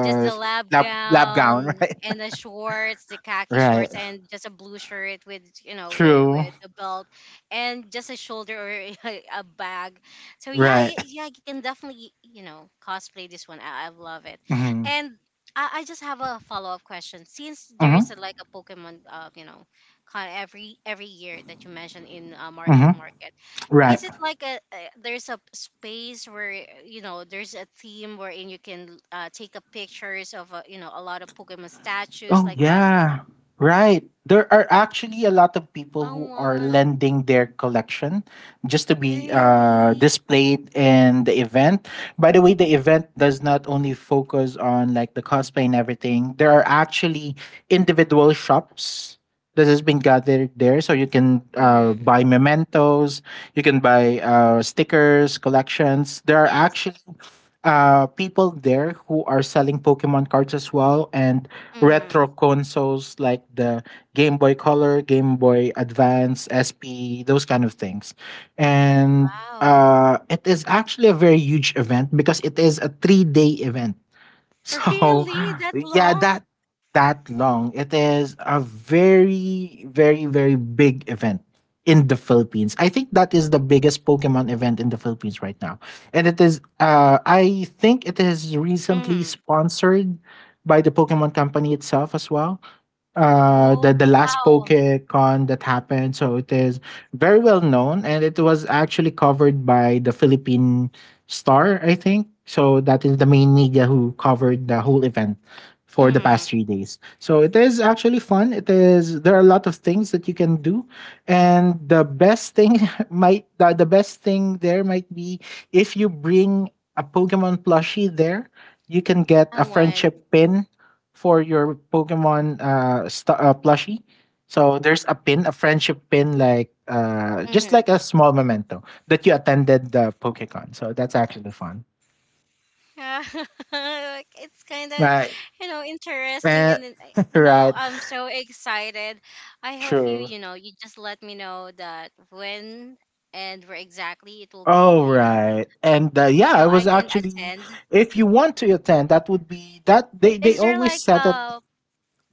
Speaker 1: Just the lab
Speaker 2: lab gown,
Speaker 1: gown
Speaker 2: right?
Speaker 1: and the shorts, the khaki
Speaker 2: Right.
Speaker 1: shorts, and just a blue shirt with you know
Speaker 2: True.
Speaker 1: with a belt, and just a shoulder or a bag. So yeah,
Speaker 2: Right.
Speaker 1: yeah, you can definitely you know cosplay this one. I love it,
Speaker 2: Mm-hmm.
Speaker 1: and I just have a follow up question. Since there is
Speaker 2: Mm-hmm.
Speaker 1: a, like a Pokemon, you know, con every year that you mentioned in Market
Speaker 2: Mm-hmm.
Speaker 1: Market,
Speaker 2: Right.
Speaker 1: is it like a there's a space where you know there's a theme wherein you can take up pictures of you know a lot of Pokemon statues
Speaker 2: Oh,
Speaker 1: like that?
Speaker 2: yeah. Right. There are actually a lot of people
Speaker 1: I
Speaker 2: who are
Speaker 1: want
Speaker 2: lending their collection just to be
Speaker 1: really.
Speaker 2: displayed in the event. By the way, the event does not only focus on like the cosplay and everything. There are actually individual shops that has been gathered there, so you can
Speaker 1: Mm,
Speaker 2: buy mementos, you can buy stickers, collections. There are
Speaker 1: yes.
Speaker 2: actually people there who are selling Pokemon cards as well, and
Speaker 1: Mm-hmm.
Speaker 2: retro consoles like the Game Boy Color, Game Boy Advance, SP, those kind of things. And
Speaker 1: Wow.
Speaker 2: it is actually a very huge event because it is a 3 day event. So,
Speaker 1: Really that
Speaker 2: yeah, that
Speaker 1: long?
Speaker 2: that long. It is a very very very big event in the Philippines. I think that is the biggest Pokemon event in the Philippines right now. And it is I think it is recently
Speaker 1: Mm.
Speaker 2: sponsored by the Pokemon company itself as well, the
Speaker 1: Oh
Speaker 2: last
Speaker 1: wow.
Speaker 2: PokeCon that happened. So it is very well known and it was actually covered by the Philippine Star, I think. So that is the main media who covered the whole event for the past 3
Speaker 1: Mm.
Speaker 2: days. So it is actually fun. It is There are a lot of things that you can do, and the best thing the best thing there might be, if you bring a Pokemon plushie there, you can get a
Speaker 1: I want.
Speaker 2: friendship pin for your Pokemon plushie. So there's a pin, a friendship pin, like just like a
Speaker 1: Mm-hmm.
Speaker 2: small memento that you attended the PokeCon. So that's actually fun.
Speaker 1: Yeah, it's kind of,
Speaker 2: Right.
Speaker 1: you know, interesting,
Speaker 2: Eh,
Speaker 1: and then, you know,
Speaker 2: right.
Speaker 1: I'm so excited. I hope you,
Speaker 2: True.
Speaker 1: you know, you just let me know that when and where exactly it will be,
Speaker 2: Oh,
Speaker 1: you know,
Speaker 2: right. And yeah,
Speaker 1: so
Speaker 2: I
Speaker 1: I
Speaker 2: was
Speaker 1: can
Speaker 2: actually
Speaker 1: attend.
Speaker 2: if you want to attend, that would be that they
Speaker 1: Is there like
Speaker 2: always said that.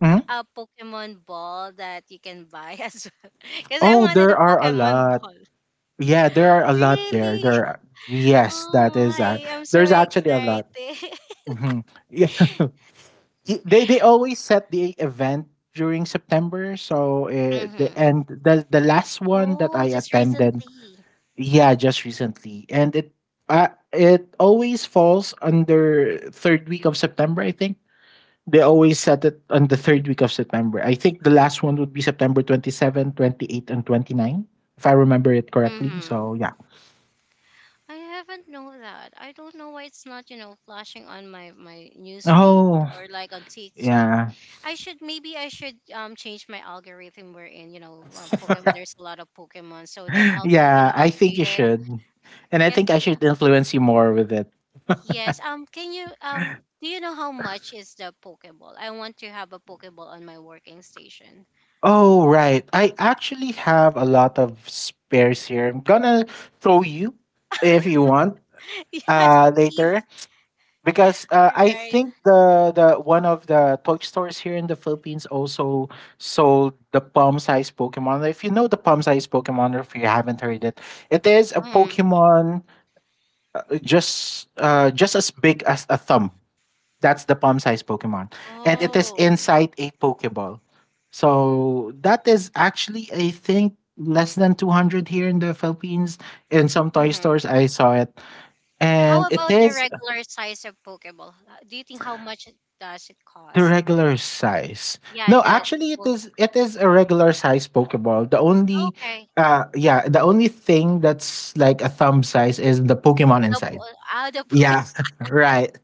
Speaker 2: Mhm.
Speaker 1: a Pokemon ball that you can buy as well? Because I
Speaker 2: Oh,
Speaker 1: wanted
Speaker 2: there
Speaker 1: a
Speaker 2: are a
Speaker 1: Pokemon
Speaker 2: lot.
Speaker 1: ball.
Speaker 2: Yeah, there are a lot there.
Speaker 1: Really?
Speaker 2: Yes, that
Speaker 1: Oh
Speaker 2: is
Speaker 1: my, I'm so
Speaker 2: there's actually a lot.
Speaker 1: excited.
Speaker 2: Mhm. Yeah. They always set the event during September. So the
Speaker 1: Mm-hmm.
Speaker 2: and the the last one that
Speaker 1: Oh,
Speaker 2: I
Speaker 1: just
Speaker 2: attended,
Speaker 1: recently.
Speaker 2: yeah, just recently, and it always falls under third week of September. I think they always set it on the third week of September. I think the last one would be September 27, 28, and 29, if I remember it correctly.
Speaker 1: Mm-hmm.
Speaker 2: So yeah.
Speaker 1: I haven't known that. I don't know why it's not, you know, flashing on my news feed
Speaker 2: Oh
Speaker 1: or like on TikTok.
Speaker 2: yeah.
Speaker 1: I should, maybe I should change my algorithm wherein you know Pokemon. There's a lot of Pokemon, so that I'll be you
Speaker 2: yeah,
Speaker 1: know
Speaker 2: I think you
Speaker 1: updated.
Speaker 2: should. And I think I
Speaker 1: Kasi
Speaker 2: should influence you more with it.
Speaker 1: yes, can you do you know how much is the Pokeball? I want to have a Pokeball on my working station.
Speaker 2: Oh, right. I actually have a lot of spares here. I'm gonna show you if you want
Speaker 1: Yes,
Speaker 2: later,
Speaker 1: please.
Speaker 2: because
Speaker 1: All
Speaker 2: I
Speaker 1: right.
Speaker 2: think the one of the toy stores here in the Philippines also sold the palm-sized Pokemon. If you know the palm-sized Pokemon, or if you haven't heard it, it is a
Speaker 1: Mm.
Speaker 2: Pokemon just as big as a thumb. That's the palm size Pokemon. And it is
Speaker 1: Oh.
Speaker 2: inside a Pokeball. So that is actually, I think, less than 200 here in the Philippines. In some toy stores,
Speaker 1: Mhm.
Speaker 2: I saw it. And
Speaker 1: How
Speaker 2: it
Speaker 1: about the
Speaker 2: is
Speaker 1: regular size of Pokeball? Do you think how much it- does it
Speaker 2: the
Speaker 1: cost?
Speaker 2: regular size.
Speaker 1: Yeah,
Speaker 2: No,
Speaker 1: the
Speaker 2: actually, it
Speaker 1: full.
Speaker 2: is it is a
Speaker 1: Mm,
Speaker 2: regular size Pokeball. The only
Speaker 1: okay,
Speaker 2: uh yeah, the only thing that's like a thumb size is the Pokemon
Speaker 1: the
Speaker 2: inside.
Speaker 1: po- ah the Poke.
Speaker 2: Yeah, right.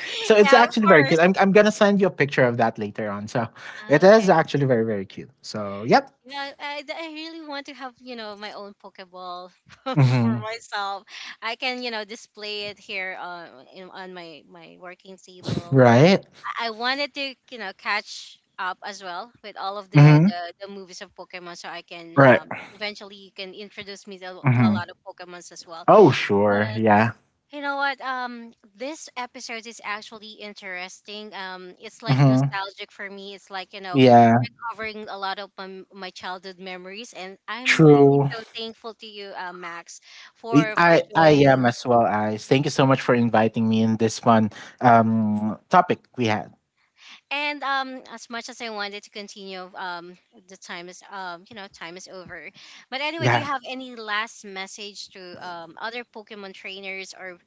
Speaker 2: So it's
Speaker 1: Yeah, of
Speaker 2: actually very
Speaker 1: course.
Speaker 2: cute. I'm gonna send you a picture of that later on. So it
Speaker 1: Ah, okay,
Speaker 2: is actually very very cute. So yep.
Speaker 1: you know, I really want to have, you know, my own Pokeball for
Speaker 2: Hmm.
Speaker 1: myself. I can you know display it here in, on my working table.
Speaker 2: Right.
Speaker 1: I wanted to, you know, catch up as well with all of the
Speaker 2: Hmm.
Speaker 1: the, the movies of Pokemon, so I can
Speaker 2: Right.
Speaker 1: eventually you can introduce me to, a to a
Speaker 2: Hmm.
Speaker 1: lot of Pokemons as well.
Speaker 2: Oh sure.
Speaker 1: But
Speaker 2: Yeah.
Speaker 1: you know what? This episode is actually interesting. It's like
Speaker 2: Hmm.
Speaker 1: nostalgic for me. It's like you know
Speaker 2: Yeah.
Speaker 1: covering a lot of my childhood memories, and I'm really
Speaker 2: True.
Speaker 1: so thankful to you, Max,
Speaker 2: I I
Speaker 1: for
Speaker 2: I am
Speaker 1: joining.
Speaker 2: as well. Eyes. Thank you so much for inviting me in this fun topic we had.
Speaker 1: And as much as I wanted to continue, the time is you know, time is over. But anyway, do you
Speaker 2: Yeah.
Speaker 1: have any last message to other Pokemon trainers or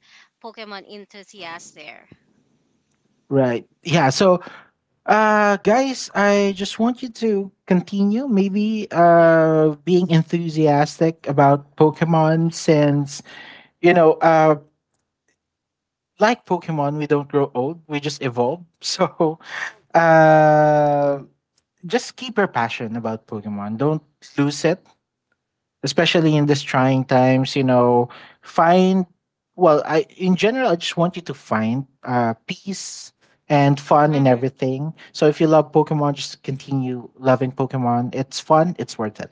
Speaker 1: Pokemon enthusiasts there?
Speaker 2: Right. Yeah. So, guys, I just want you to continue maybe being enthusiastic about Pokemon since, you know, like Pokemon, we don't grow old; we just evolve. So, uh, just keep your passion about Pokemon. Don't lose it, especially in these trying times. You know, find well. I in general, I just want you to find peace and fun in
Speaker 1: Yeah.
Speaker 2: everything. So, if you love Pokemon, just continue loving Pokemon. It's fun. It's worth it.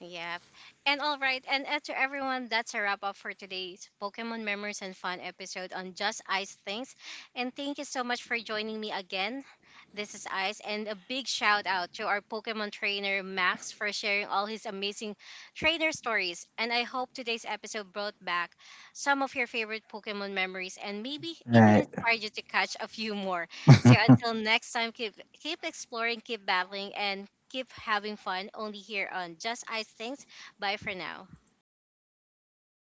Speaker 1: Yep. And all right, and to everyone, that's a wrap up for today's Pokemon Memories and Fun episode on Just Ice Things. And thank you so much for joining me again. This is Ice, and a big shout out to our Pokemon trainer Max for sharing all his amazing trainer stories. And I hope today's episode brought back some of your favorite Pokemon memories and maybe even
Speaker 2: Right.
Speaker 1: inspired you to catch a few more. So until next time, keep exploring, keep battling, and keep having fun. Only here on Just Ice Things. Bye for now.
Speaker 2: Bye, guys.